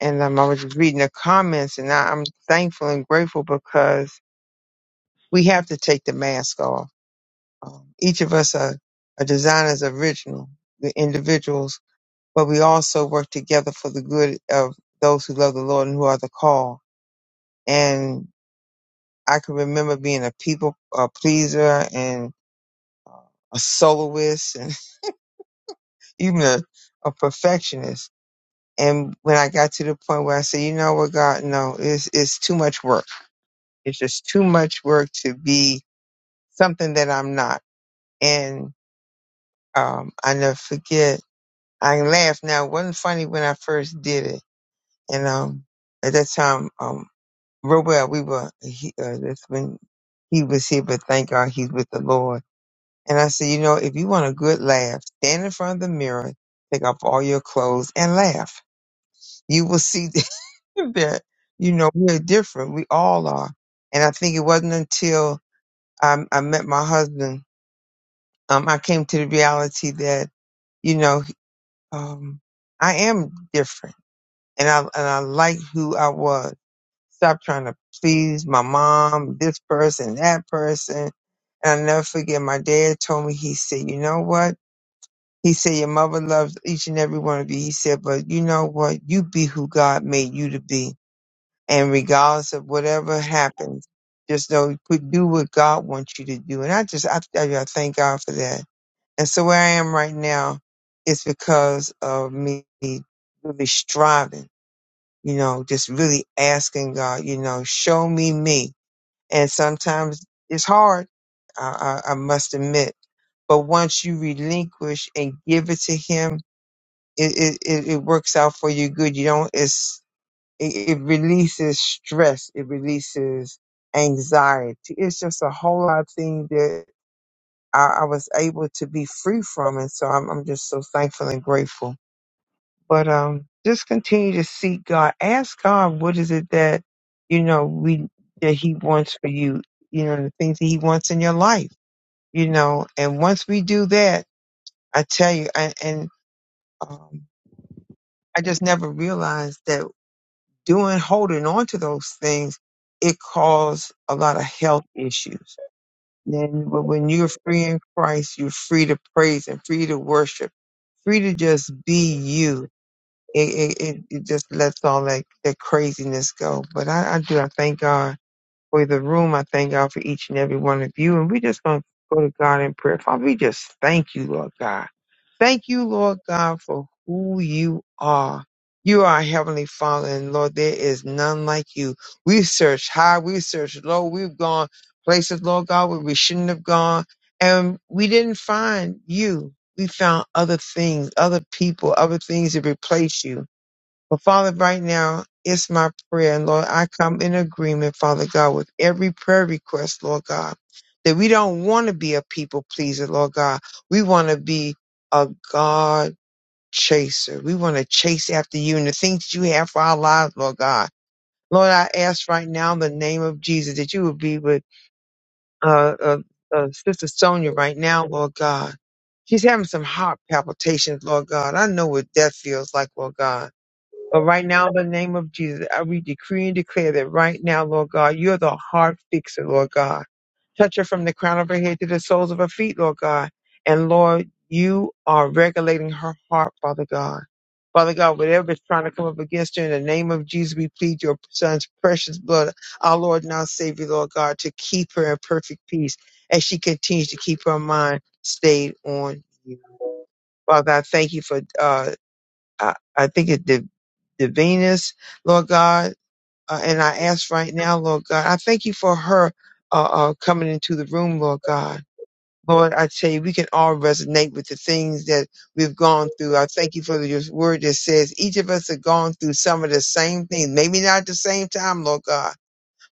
C: And um, I was just reading the comments, and I, I'm thankful and grateful because we have to take the mask off. Um, each of us are, are designed as original, the individuals but we also work together for the good of those who love the Lord and who are the call. And I can remember being a people a pleaser and a soloist and <laughs> even a, a perfectionist. And when I got to the point where I said, you know what, God, no, it's, it's too much work. It's just too much work to be something that I'm not. And um, I never forget. I laugh now. It wasn't funny when I first did it. And um, at that time, um. real well. We were he, uh, this when he was here, but thank God he's with the Lord. And I said, you know, if you want a good laugh, stand in front of the mirror, take off all your clothes, and laugh. You will see <laughs> that you know we're different. We all are. And I think it wasn't until I, I met my husband, um, I came to the reality that you know um, I am different, and I and I like who I was Stop trying to please my mom, this person, that person. And I never forget, my dad told me, he said, you know what? He said, your mother loves each and every one of you. He said, but you know what? You be who God made you to be. And regardless of whatever happens, just know, put, do what God wants you to do. And I just, I, I I thank God for that. And so where I am right now, it's because of me really striving, you know, just really asking God, you know, show me me and sometimes it's hard. I, I, I must admit, but once you relinquish and give it to Him, it it, it, it works out for you good. You don't. It's it, it releases stress. It releases anxiety. It's just a whole lot of things that I, I was able to be free from, and so I'm I'm just so thankful and grateful but um just continue to seek God. Ask God what is it that you know we that He wants for you, you know, the things that He wants in your life, you know. And once we do that, I tell you, and, and um, I just never realized that doing holding on to those things it caused a lot of health issues. Then, but when you're free in Christ, you're free to praise and free to worship, free to just be you it, it, it it just lets all that, that craziness go. But I, I do, I thank God for the room. I thank God for each and every one of you. And we just going to go to God in prayer. Father, we just thank you, Lord God. Thank you, Lord God, for who you are. You are our Heavenly Father, and Lord, there is none like you. We've searched high, we've searched low, we've gone places, Lord God, where we shouldn't have gone, and we didn't find you. We found other things, other people, other things to replace you. But Father, right now, it's my prayer. And Lord, I come in agreement, Father God, with every prayer request, Lord God, that we don't want to be a people pleaser, Lord God. We want to be a God chaser. We want to chase after you and the things that you have for our lives, Lord God. Lord, I ask right now in the name of Jesus that you would be with uh, uh, uh, Sister Sonia right now, Lord God. She's having some heart palpitations, Lord God. I know what that feels like, Lord God. But right now, in the name of Jesus, I we decree and declare that right now, Lord God, you're the heart fixer, Lord God. Touch her from the crown of her head to the soles of her feet, Lord God. And Lord, you are regulating her heart, Father God. Father God, whatever is trying to come up against her, in the name of Jesus, we plead your son's precious blood, our Lord and our Savior, Lord God, to keep her in perfect peace as she continues to keep her mind stayed on you. Father, I thank you for uh, I, I think it the, the Venus, Lord God, uh, and I ask right now, Lord God, I thank you for her uh, uh, coming into the room, Lord God. Lord, I tell you, we can all resonate with the things that we've gone through. I thank you for your word that says each of us have gone through some of the same things, maybe not at the same time, Lord God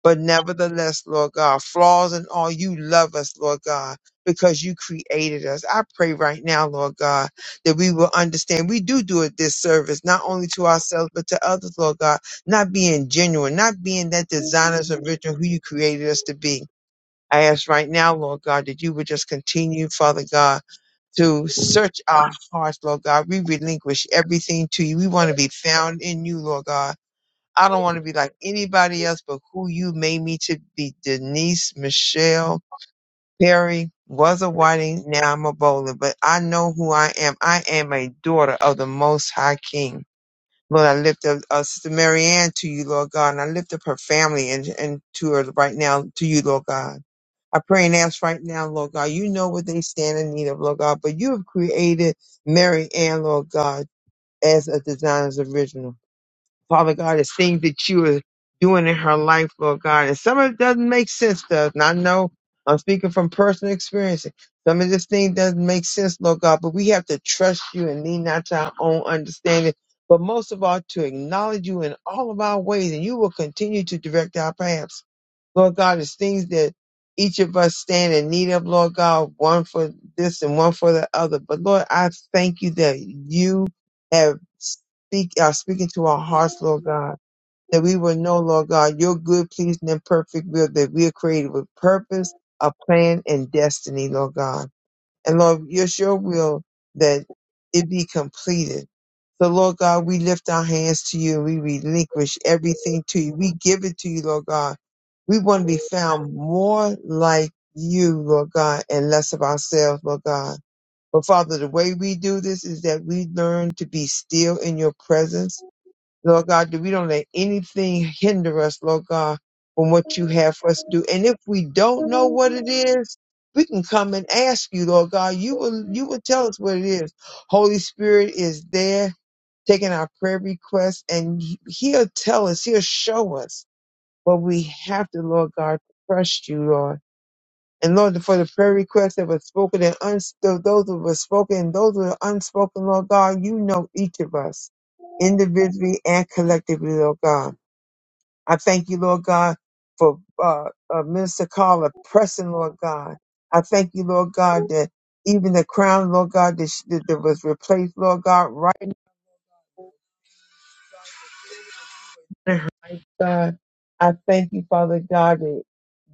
C: but nevertheless, Lord God, flaws and all, you love us, Lord God, because you created us. I pray right now, Lord God, that we will understand we do do a disservice, not only to ourselves, but to others, Lord God, not being genuine, not being that designers and original who you created us to be. I ask right now, Lord God, that you would just continue, Father God, to search our hearts, Lord God. We relinquish everything to you. We want to be found in you, Lord God I don't want to be like anybody else but who you made me to be. Denise Michelle Perry was a whiting, now I'm a bowler, but I know who I am. I am a daughter of the Most High King. Lord, I lift up uh, Sister Mary Ann to you, Lord God, and I lift up her family and, and to her right now to you, Lord God. I pray and ask right now, Lord God, you know what they stand in need of, Lord God, but you have created Mary Ann, Lord God, as a designer's original. Father God, it's things that you are doing in her life, Lord God. And some of it doesn't make sense to us. And I know I'm speaking from personal experience. Some of this thing doesn't make sense, Lord God, but we have to trust you and lean not to our own understanding, but most of all to acknowledge you in all of our ways, and you will continue to direct our paths. Lord God, it's things that each of us stand in need of, Lord God, one for this and one for the other. But Lord, I thank you that you have speak are speaking to our hearts, Lord God, that we will know, Lord God, your good, pleasing, and perfect will, that we are created with purpose, a plan, and destiny, Lord God. And Lord, it's your sure will that it be completed. So, Lord God, we lift our hands to you and we relinquish everything to you. We give it to you, Lord God. We want to be found more like you, Lord God, and less of ourselves, Lord God. But Father, the way we do this is that we learn to be still in your presence Lord God, that we don't let anything hinder us, Lord God, from what you have for us to do. And if we don't know what it is, we can come and ask you, Lord God. You will you will tell us what it is. Holy Spirit is there taking our prayer requests and He- he'll tell us, he'll show us what we have to, Lord God, trust you, Lord. And Lord, for the prayer requests that were spoken and uns- those that were spoken and those that are unspoken, Lord God, you know each of us individually and collectively, Lord God. I thank you, Lord God, for uh, uh, Minister Carla pressing, Lord God. I thank you, Lord God, that even the crown, Lord God, that, sh- that that was replaced, Lord God, right. Uh-huh. My God, I thank you, Father God, that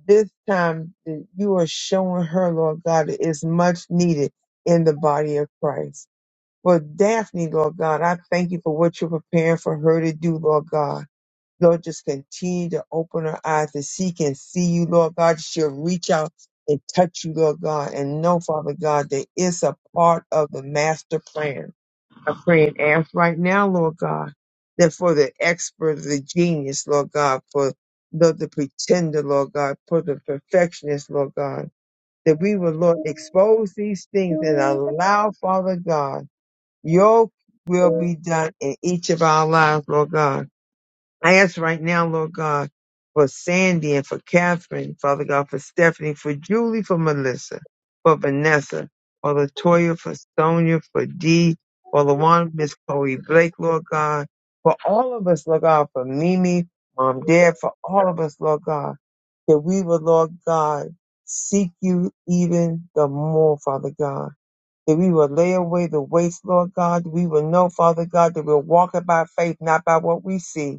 C: this time that you are showing her, Lord God, that is much needed in the body of Christ. For Daphne, Lord God, I thank you for what you're preparing for her to do, Lord God. Lord, just continue to open her eyes that she can see you, Lord God. She'll reach out and touch you, Lord God, and know, Father God, that it's a part of the master plan. I am praying ask right now, Lord God, that for the expert, the genius, Lord God, for the, the pretender, Lord God, for the perfectionist, Lord God, that we will, Lord, expose these things and allow, Father God, your will be done in each of our lives, Lord God. I ask right now, Lord God, for Sandy and for Catherine, Father God, for Stephanie, for Julie, for Melissa, for Vanessa, for Latoya, for Sonia, for Dee, for LaWanda, Miss Chloe Blake, Lord God, for all of us, Lord God, for Mimi, Mom, Dad, for all of us, Lord God, that we will, Lord God, seek you even the more, Father God. That we will lay away the waste, Lord God. We will know, Father God, that we'll walk by faith, not by what we see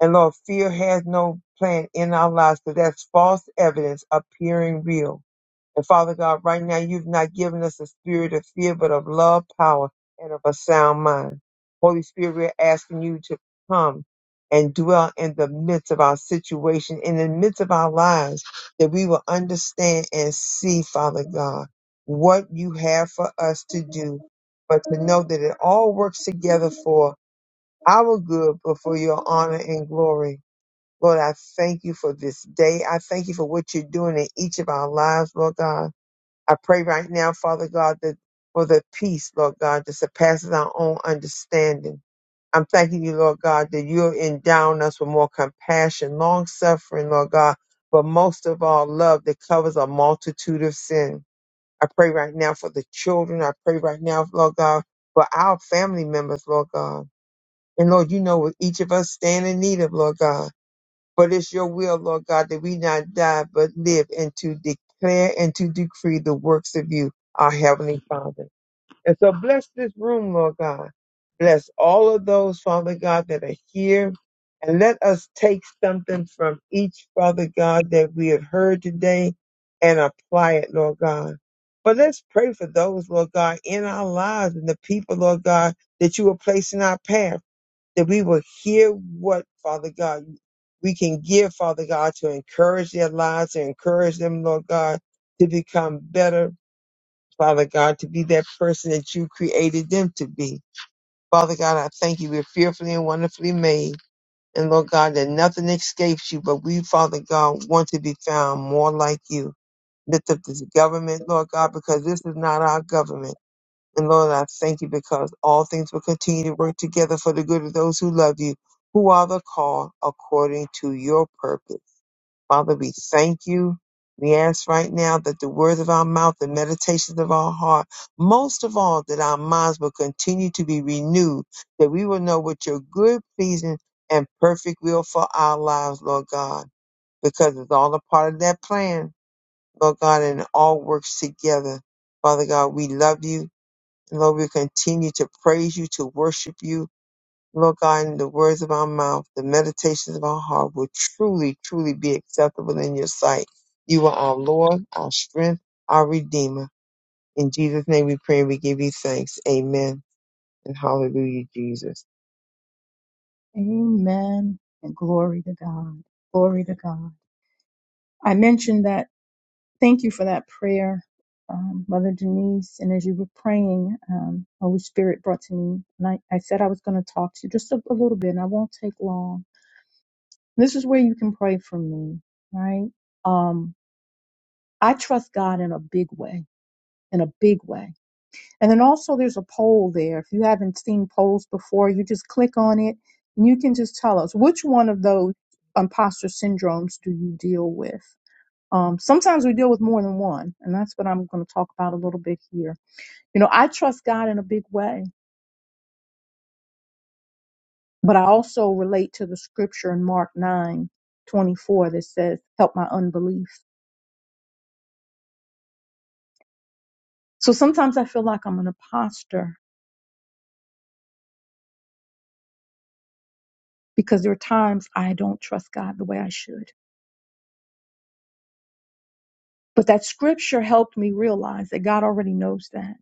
C: and Lord, fear has no plan in our lives because that's false evidence appearing real. And Father God, right now you've not given us a spirit of fear, but of love, power, and of a sound mind. Holy Spirit, we're asking you to come and dwell in the midst of our situation, in the midst of our lives, that we will understand and see, Father God, what you have for us to do, but to know that it all works together for our good, but for your honor and glory. Lord, I thank you for this day. I thank you for what you're doing in each of our lives, Lord God. I pray right now, Father God, that for the peace, Lord God, that surpasses our own understanding. I'm thanking you, Lord God, that you're endowing us with more compassion, long suffering, Lord God, but most of all, love that covers a multitude of sin. I pray right now for the children. I pray right now, Lord God, for our family members, Lord God. And Lord, you know what each of us stand in need of, Lord God. But it's your will, Lord God, that we not die, but live and to declare and to decree the works of you, our Heavenly Father. And so bless this room, Lord God. Bless all of those, Father God, that are here. And let us take something from each, Father God, that we have heard today and apply it, Lord God. But let's pray for those, Lord God, in our lives and the people, Lord God, that you will place in our path that we will hear what, Father God, we can give, Father God, to encourage their lives, to encourage them, Lord God, to become better, Father God, to be that person that you created them to be. Father God, I thank you. We're fearfully and wonderfully made. And Lord God, that nothing escapes you, but we, Father God, want to be found more like you. Lift up this government, Lord God, because this is not our government. And Lord, I thank you because all things will continue to work together for the good of those who love you, who are the called according to your purpose. Father, we thank you. We ask right now that the words of our mouth, the meditations of our heart, most of all, that our minds will continue to be renewed, that we will know what your good, pleasing, and perfect will for our lives, Lord God, because it's all a part of that plan, Lord God, and it all works together. Father God, we love you. Lord, we continue to praise you, to worship you. Lord God, and the words of our mouth, the meditations of our heart will truly, truly be acceptable in your sight. You are our Lord, our strength, our Redeemer. In Jesus' name we pray and we give you thanks. Amen. And hallelujah, Jesus.
A: Amen. And glory to God. Glory to God. I mentioned that Thank you for that prayer, um, Mother Denise. And as you were praying, um, Holy Spirit brought to me, and I, I said I was going to talk to you just a, a little bit, and I won't take long. This is where you can pray for me, right? Um, I trust God in a big way, in a big way. And then also, there's a poll there. If you haven't seen polls before, you just click on it, and you can just tell us which one of those imposter syndromes do you deal with um, sometimes we deal with more than one, and that's what I'm going to talk about a little bit here. You know, I trust God in a big way, but I also relate to the scripture in Mark 9 24 that says, Help my unbelief. So sometimes I feel like I'm an imposter because there are times I don't trust God the way I should. But that scripture helped me realize that God already knows that.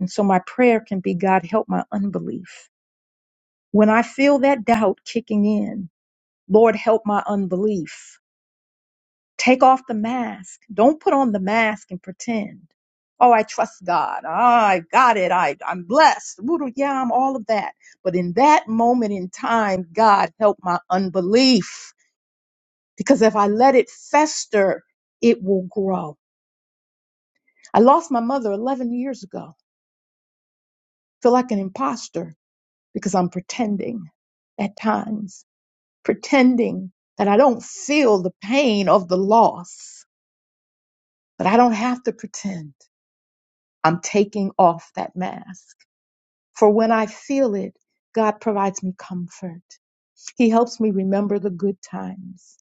A: And so my prayer can be, God, help my unbelief. When I feel that doubt kicking in, Lord, help my unbelief Take off the mask. Don't put on the mask and pretend. Oh, I trust God. Ah, I got it. I, I'm blessed. Woo-doo, Yeah, I'm all of that. But in that moment in time, God help my unbelief. Because if I let it fester, it will grow. I lost my mother 11 years ago. feel like an imposter because I'm pretending at times, pretending that I don't feel the pain of the loss, but I don't have to pretend. I'm taking off that mask. For when I feel it, God provides me comfort. He helps me remember the good times.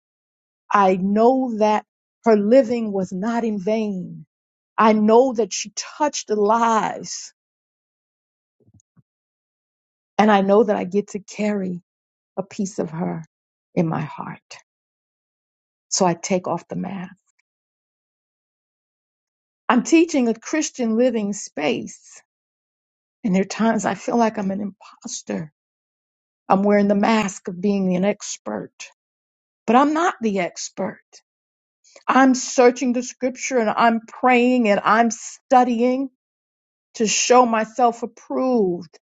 A: I know that her living was not in vain. I know that she touched lives, and I know that I get to carry a piece of her in my heart. So I take off the mask. I'm teaching a Christian living space, and there are times I feel like I'm an imposter. I'm wearing the mask of being an expert. but I'm not the expert. I'm searching the scripture and I'm praying and I'm studying to show myself approved,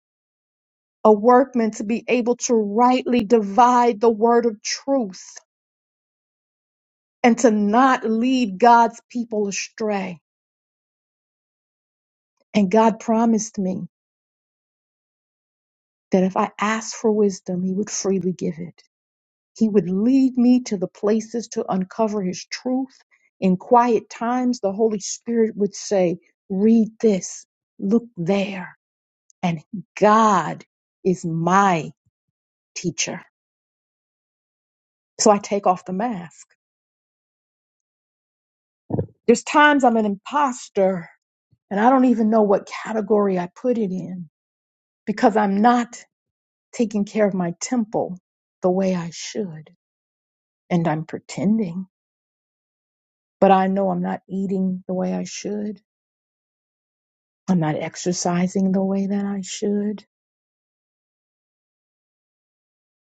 A: a workman to be able to rightly divide the word of truth and to not lead God's people astray. And God promised me that if I asked for wisdom, He would freely give it. He would lead me to the places to uncover his truth. In quiet times, the Holy Spirit would say, Read this, look there. And God is my teacher. So I take off the mask. There's times I'm an imposter and I don't even know what category I put it in because I'm not taking care of my temple the way I should. And I'm pretending, but I know I'm not eating the way I should. I'm not exercising the way that I should.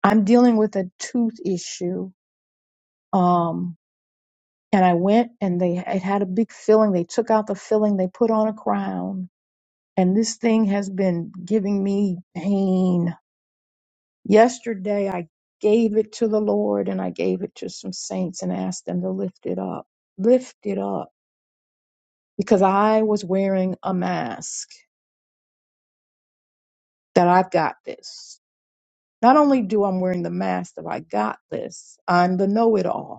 A: I'm dealing with a tooth issue. Um, and I went and they it had a big filling. They took out the filling, they put on a crown, and this thing has been giving me pain. Yesterday I gave it to the Lord and I gave it to some saints and asked them to lift it up. Lift it up because I was wearing a mask that I've got this. Not only do I'm wearing the mask that I got this, I'm the know-it-all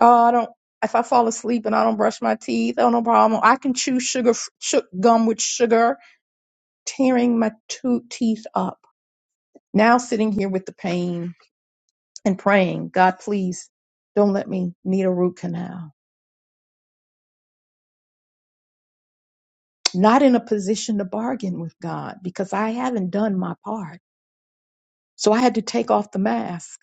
A: Oh, I don't. If I fall asleep and I don't brush my teeth, oh no problem. I can chew sugar, chew gum with sugar, tearing my two teeth up. Now sitting here with the pain and praying, God, please don't let me need a root canal. Not in a position to bargain with God because I haven't done my part. So I had to take off the mask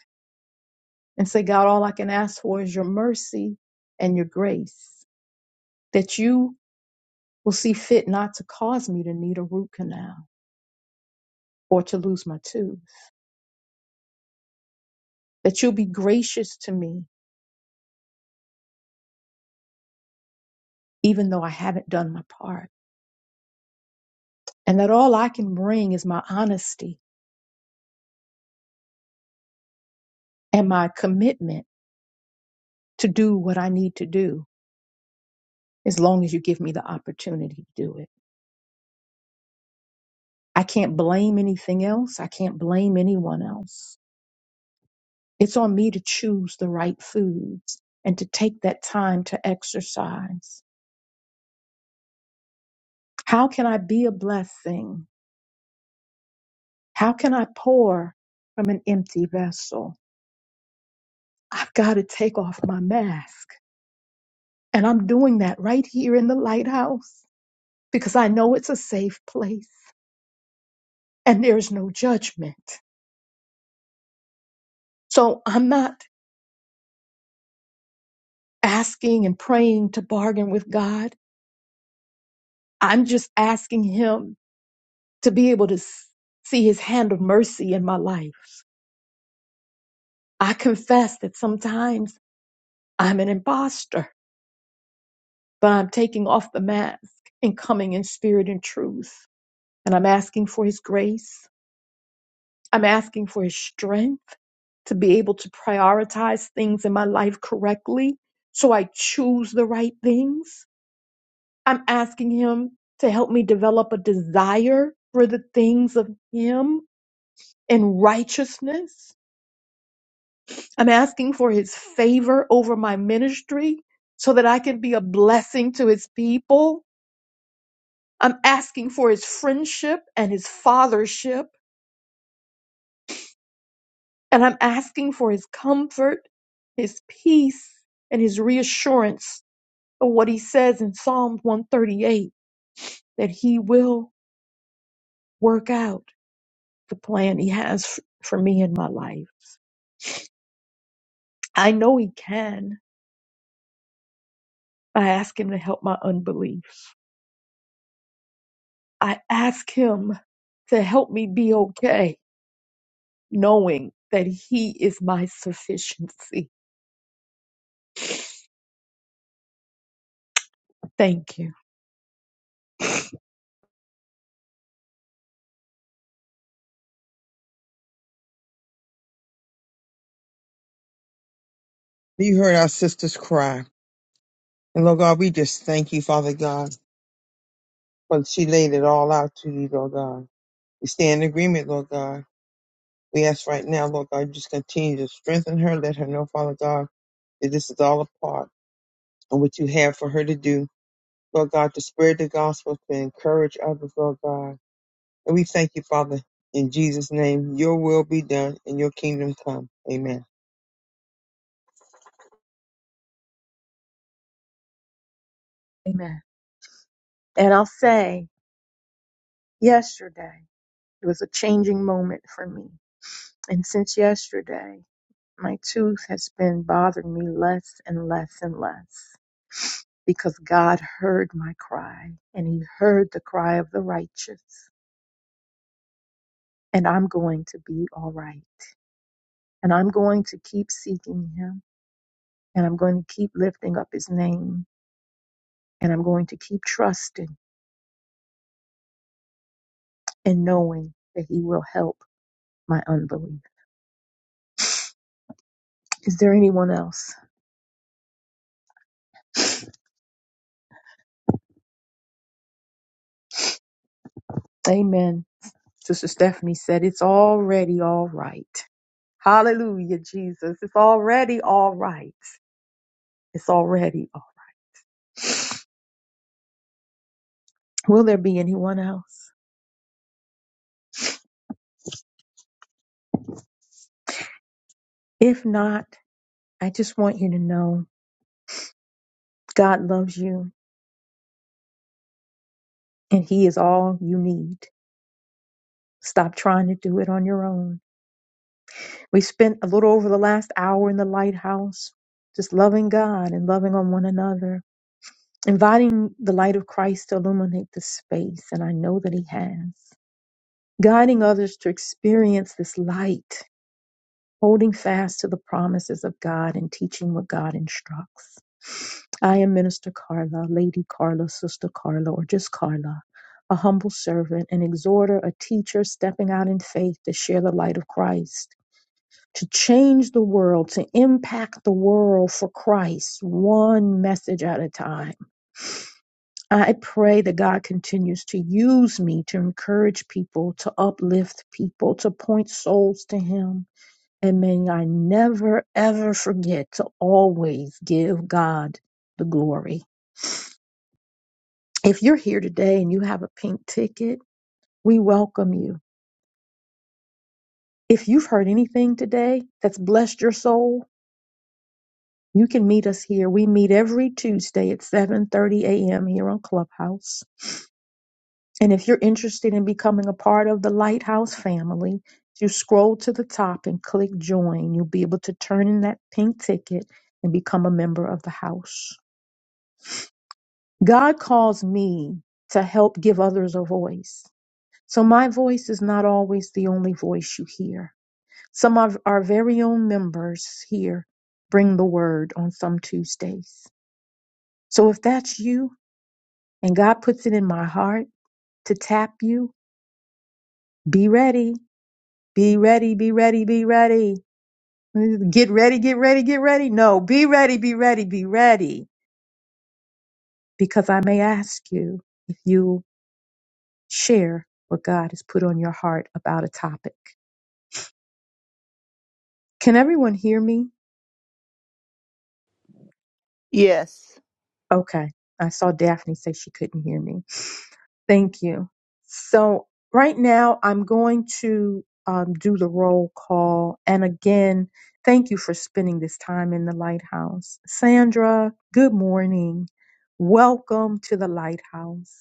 A: and say, God, all I can ask for is your mercy and your grace that you will see fit not to cause me to need a root canal or to lose my tooth. that you'll be gracious to me, even though I haven't done my part, and that all I can bring is my honesty and my commitment to do what I need to do, as long as you give me the opportunity to do it. I can't blame anything else. I can't blame anyone else. It's on me to choose the right foods and to take that time to exercise. How can I be a blessing? How can I pour from an empty vessel? I've got to take off my mask. And I'm doing that right here in the lighthouse because I know it's a safe place and there's no judgment. So I'm not asking and praying to bargain with God. I'm just asking Him to be able to s- see His hand of mercy in my life. I confess that sometimes I'm an imposter, but I'm taking off the mask and coming in spirit and truth. And I'm asking for His grace I'm asking for his strength to be able to prioritize things in my life correctly so I choose the right things. I'm asking him to help me develop a desire for the things of him and righteousness. I'm asking for his favor over my ministry so that I can be a blessing to his people. I'm asking for his friendship and his fathership. And I'm asking for his comfort, his peace, and his reassurance of what he says in Psalm 138 that he will work out the plan he has f- for me in my life. I know he can. I ask him to help my unbelief. I ask him to help me be okay, knowing that he is my sufficiency. Thank you.
C: You heard our sisters cry. And Lord God, we just thank you, Father God, for she laid it all out to you, Lord God. We stay in agreement, Lord God. We ask right now, Lord God, just continue to strengthen her. Let her know, Father God that this is all a part of what you have for her to do, Lord God, to spread the gospel, to encourage others, Lord God. And we thank you, Father, in Jesus' name. Your will be done and your kingdom come. Amen.
A: Amen. And I'll say, yesterday it was a changing moment for me. And since yesterday, my tooth has been bothering me less and less and less because God heard my cry and He heard the cry of the righteous. And I'm going to be all right. And I'm going to keep seeking him and I'm going to keep lifting up his name and I'm going to keep trusting and knowing that he will help my unbelief. Is there anyone else? Amen. Sister Stephanie said, It's already all right. Hallelujah, Jesus. It's already all right. It's already all right. Will there be anyone else? If not, I just want you to know God loves you and he is all you need. Stop trying to do it on your own We spent a little over the last hour in the lighthouse, just loving God and loving on one another, inviting the light of Christ to illuminate the space, and I know that He has. Guiding others to experience this light, holding fast to the promises of God and teaching what God instructs. I am Minister Carla, Lady Carla, Sister Carla, or just Carla, a humble servant, an exhorter, a teacher stepping out in faith to share the light of Christ to change the world, to impact the world for Christ, one message at a time. I pray that God continues to use me to encourage people, to uplift people, to point souls to Him. And may I never, ever forget to always give God the glory. If you're here today and you have a pink ticket, we welcome you. If you've heard anything today that's blessed your soul, You can meet us here. We meet every Tuesday at 7:30 a.m. here on Clubhouse. And if you're interested in becoming a part of the Lighthouse family, if you scroll to the top and click join, you'll be able to turn in that pink ticket and become a member of the house. God calls me to help give others a voice. So my voice is not always the only voice you hear. Some of our very own members here bring the word on some Tuesdays. So if that's you, and God puts it in my heart to tap you, be ready, be ready, be ready, be ready. Get ready, get ready, get ready. No, be ready, be ready, be ready. Because I may ask you if you share what God has put on your heart about a topic. Can everyone hear me?
D: Yes.
A: Okay. I saw Daphne say she couldn't hear me. Thank you. So right now I'm going to um, do the roll call. And again, thank you for spending this time in the lighthouse. Sandra, good morning. Welcome to the lighthouse.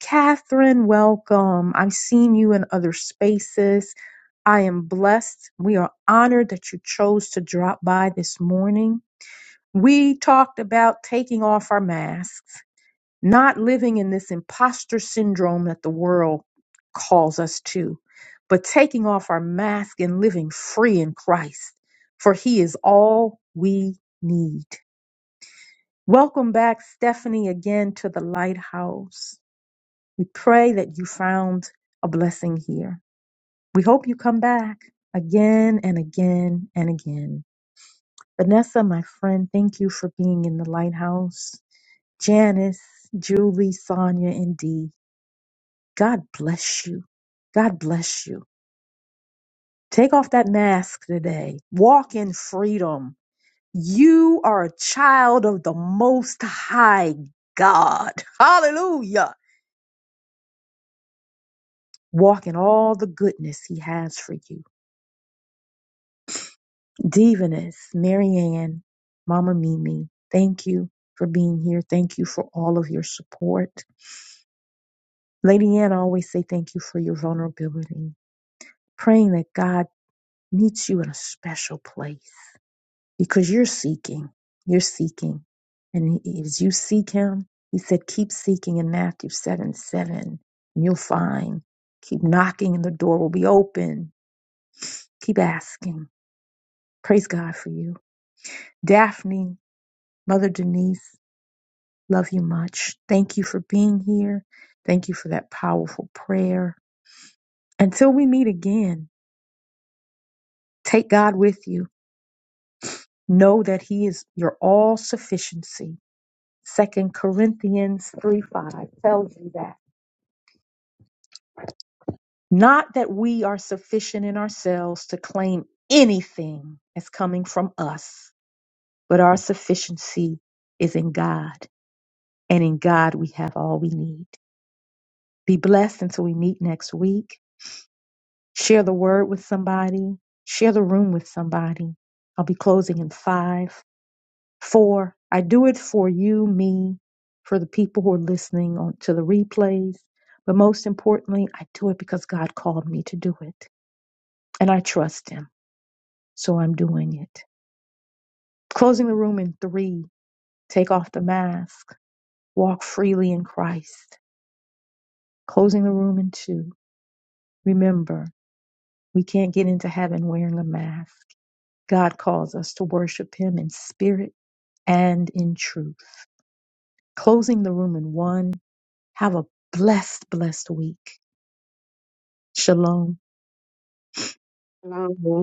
A: Catherine, welcome. I've seen you in other spaces. I am blessed. We are honored that you chose to drop by this morning. We talked about taking off our masks not living in this imposter syndrome that the world calls us to, but taking off our mask and living free in Christ, for He is all we need. Welcome back, Stephanie, again to the Lighthouse. We pray that you found a blessing here. We hope you come back again and again and again. Vanessa, my friend, thank you for being in the Lighthouse. Janice, Julie, Sonia, and Dee. God bless you. God bless you. Take off that mask today. Walk in freedom. You are a child of the Most High God. <laughs> Hallelujah. Walk in all the goodness He has for you. Divinus, Marianne, Mama Mimi, thank you for being here. Thank you for all of your support. Lady Anne, I always say thank you for your vulnerability. Praying that God meets you in a special place because you're seeking. You're seeking. And he- as you seek him, he said, keep seeking in Matthew 7 7, and you'll find. Keep knocking, and the door will be open. Keep asking. Praise God for you. Daphne, Mother Denise, love you much. Thank you for being here. Thank you for that powerful prayer. Until we meet again, take God with you. Know that He is your all sufficiency. Second Corinthians 3 5 tells you that. Not that we are sufficient in ourselves to claim anything as coming from us, but our sufficiency is in God, and in God we have all we need. Be blessed until we meet next week. Share the word with somebody, share the room with somebody. I'll be closing in five, four. I do it for you, me, for the people who are listening on, to the replays. But most importantly, I do it because God called me to do it, and I trust Him. So I'm doing it. Closing the room in three. Take off the mask. Walk freely in Christ. Closing the room in two. Remember, we can't get into heaven wearing a mask. God calls us to worship Him in spirit and in truth. Closing the room in one. Have a blessed, blessed week. Shalom.
F: Tom.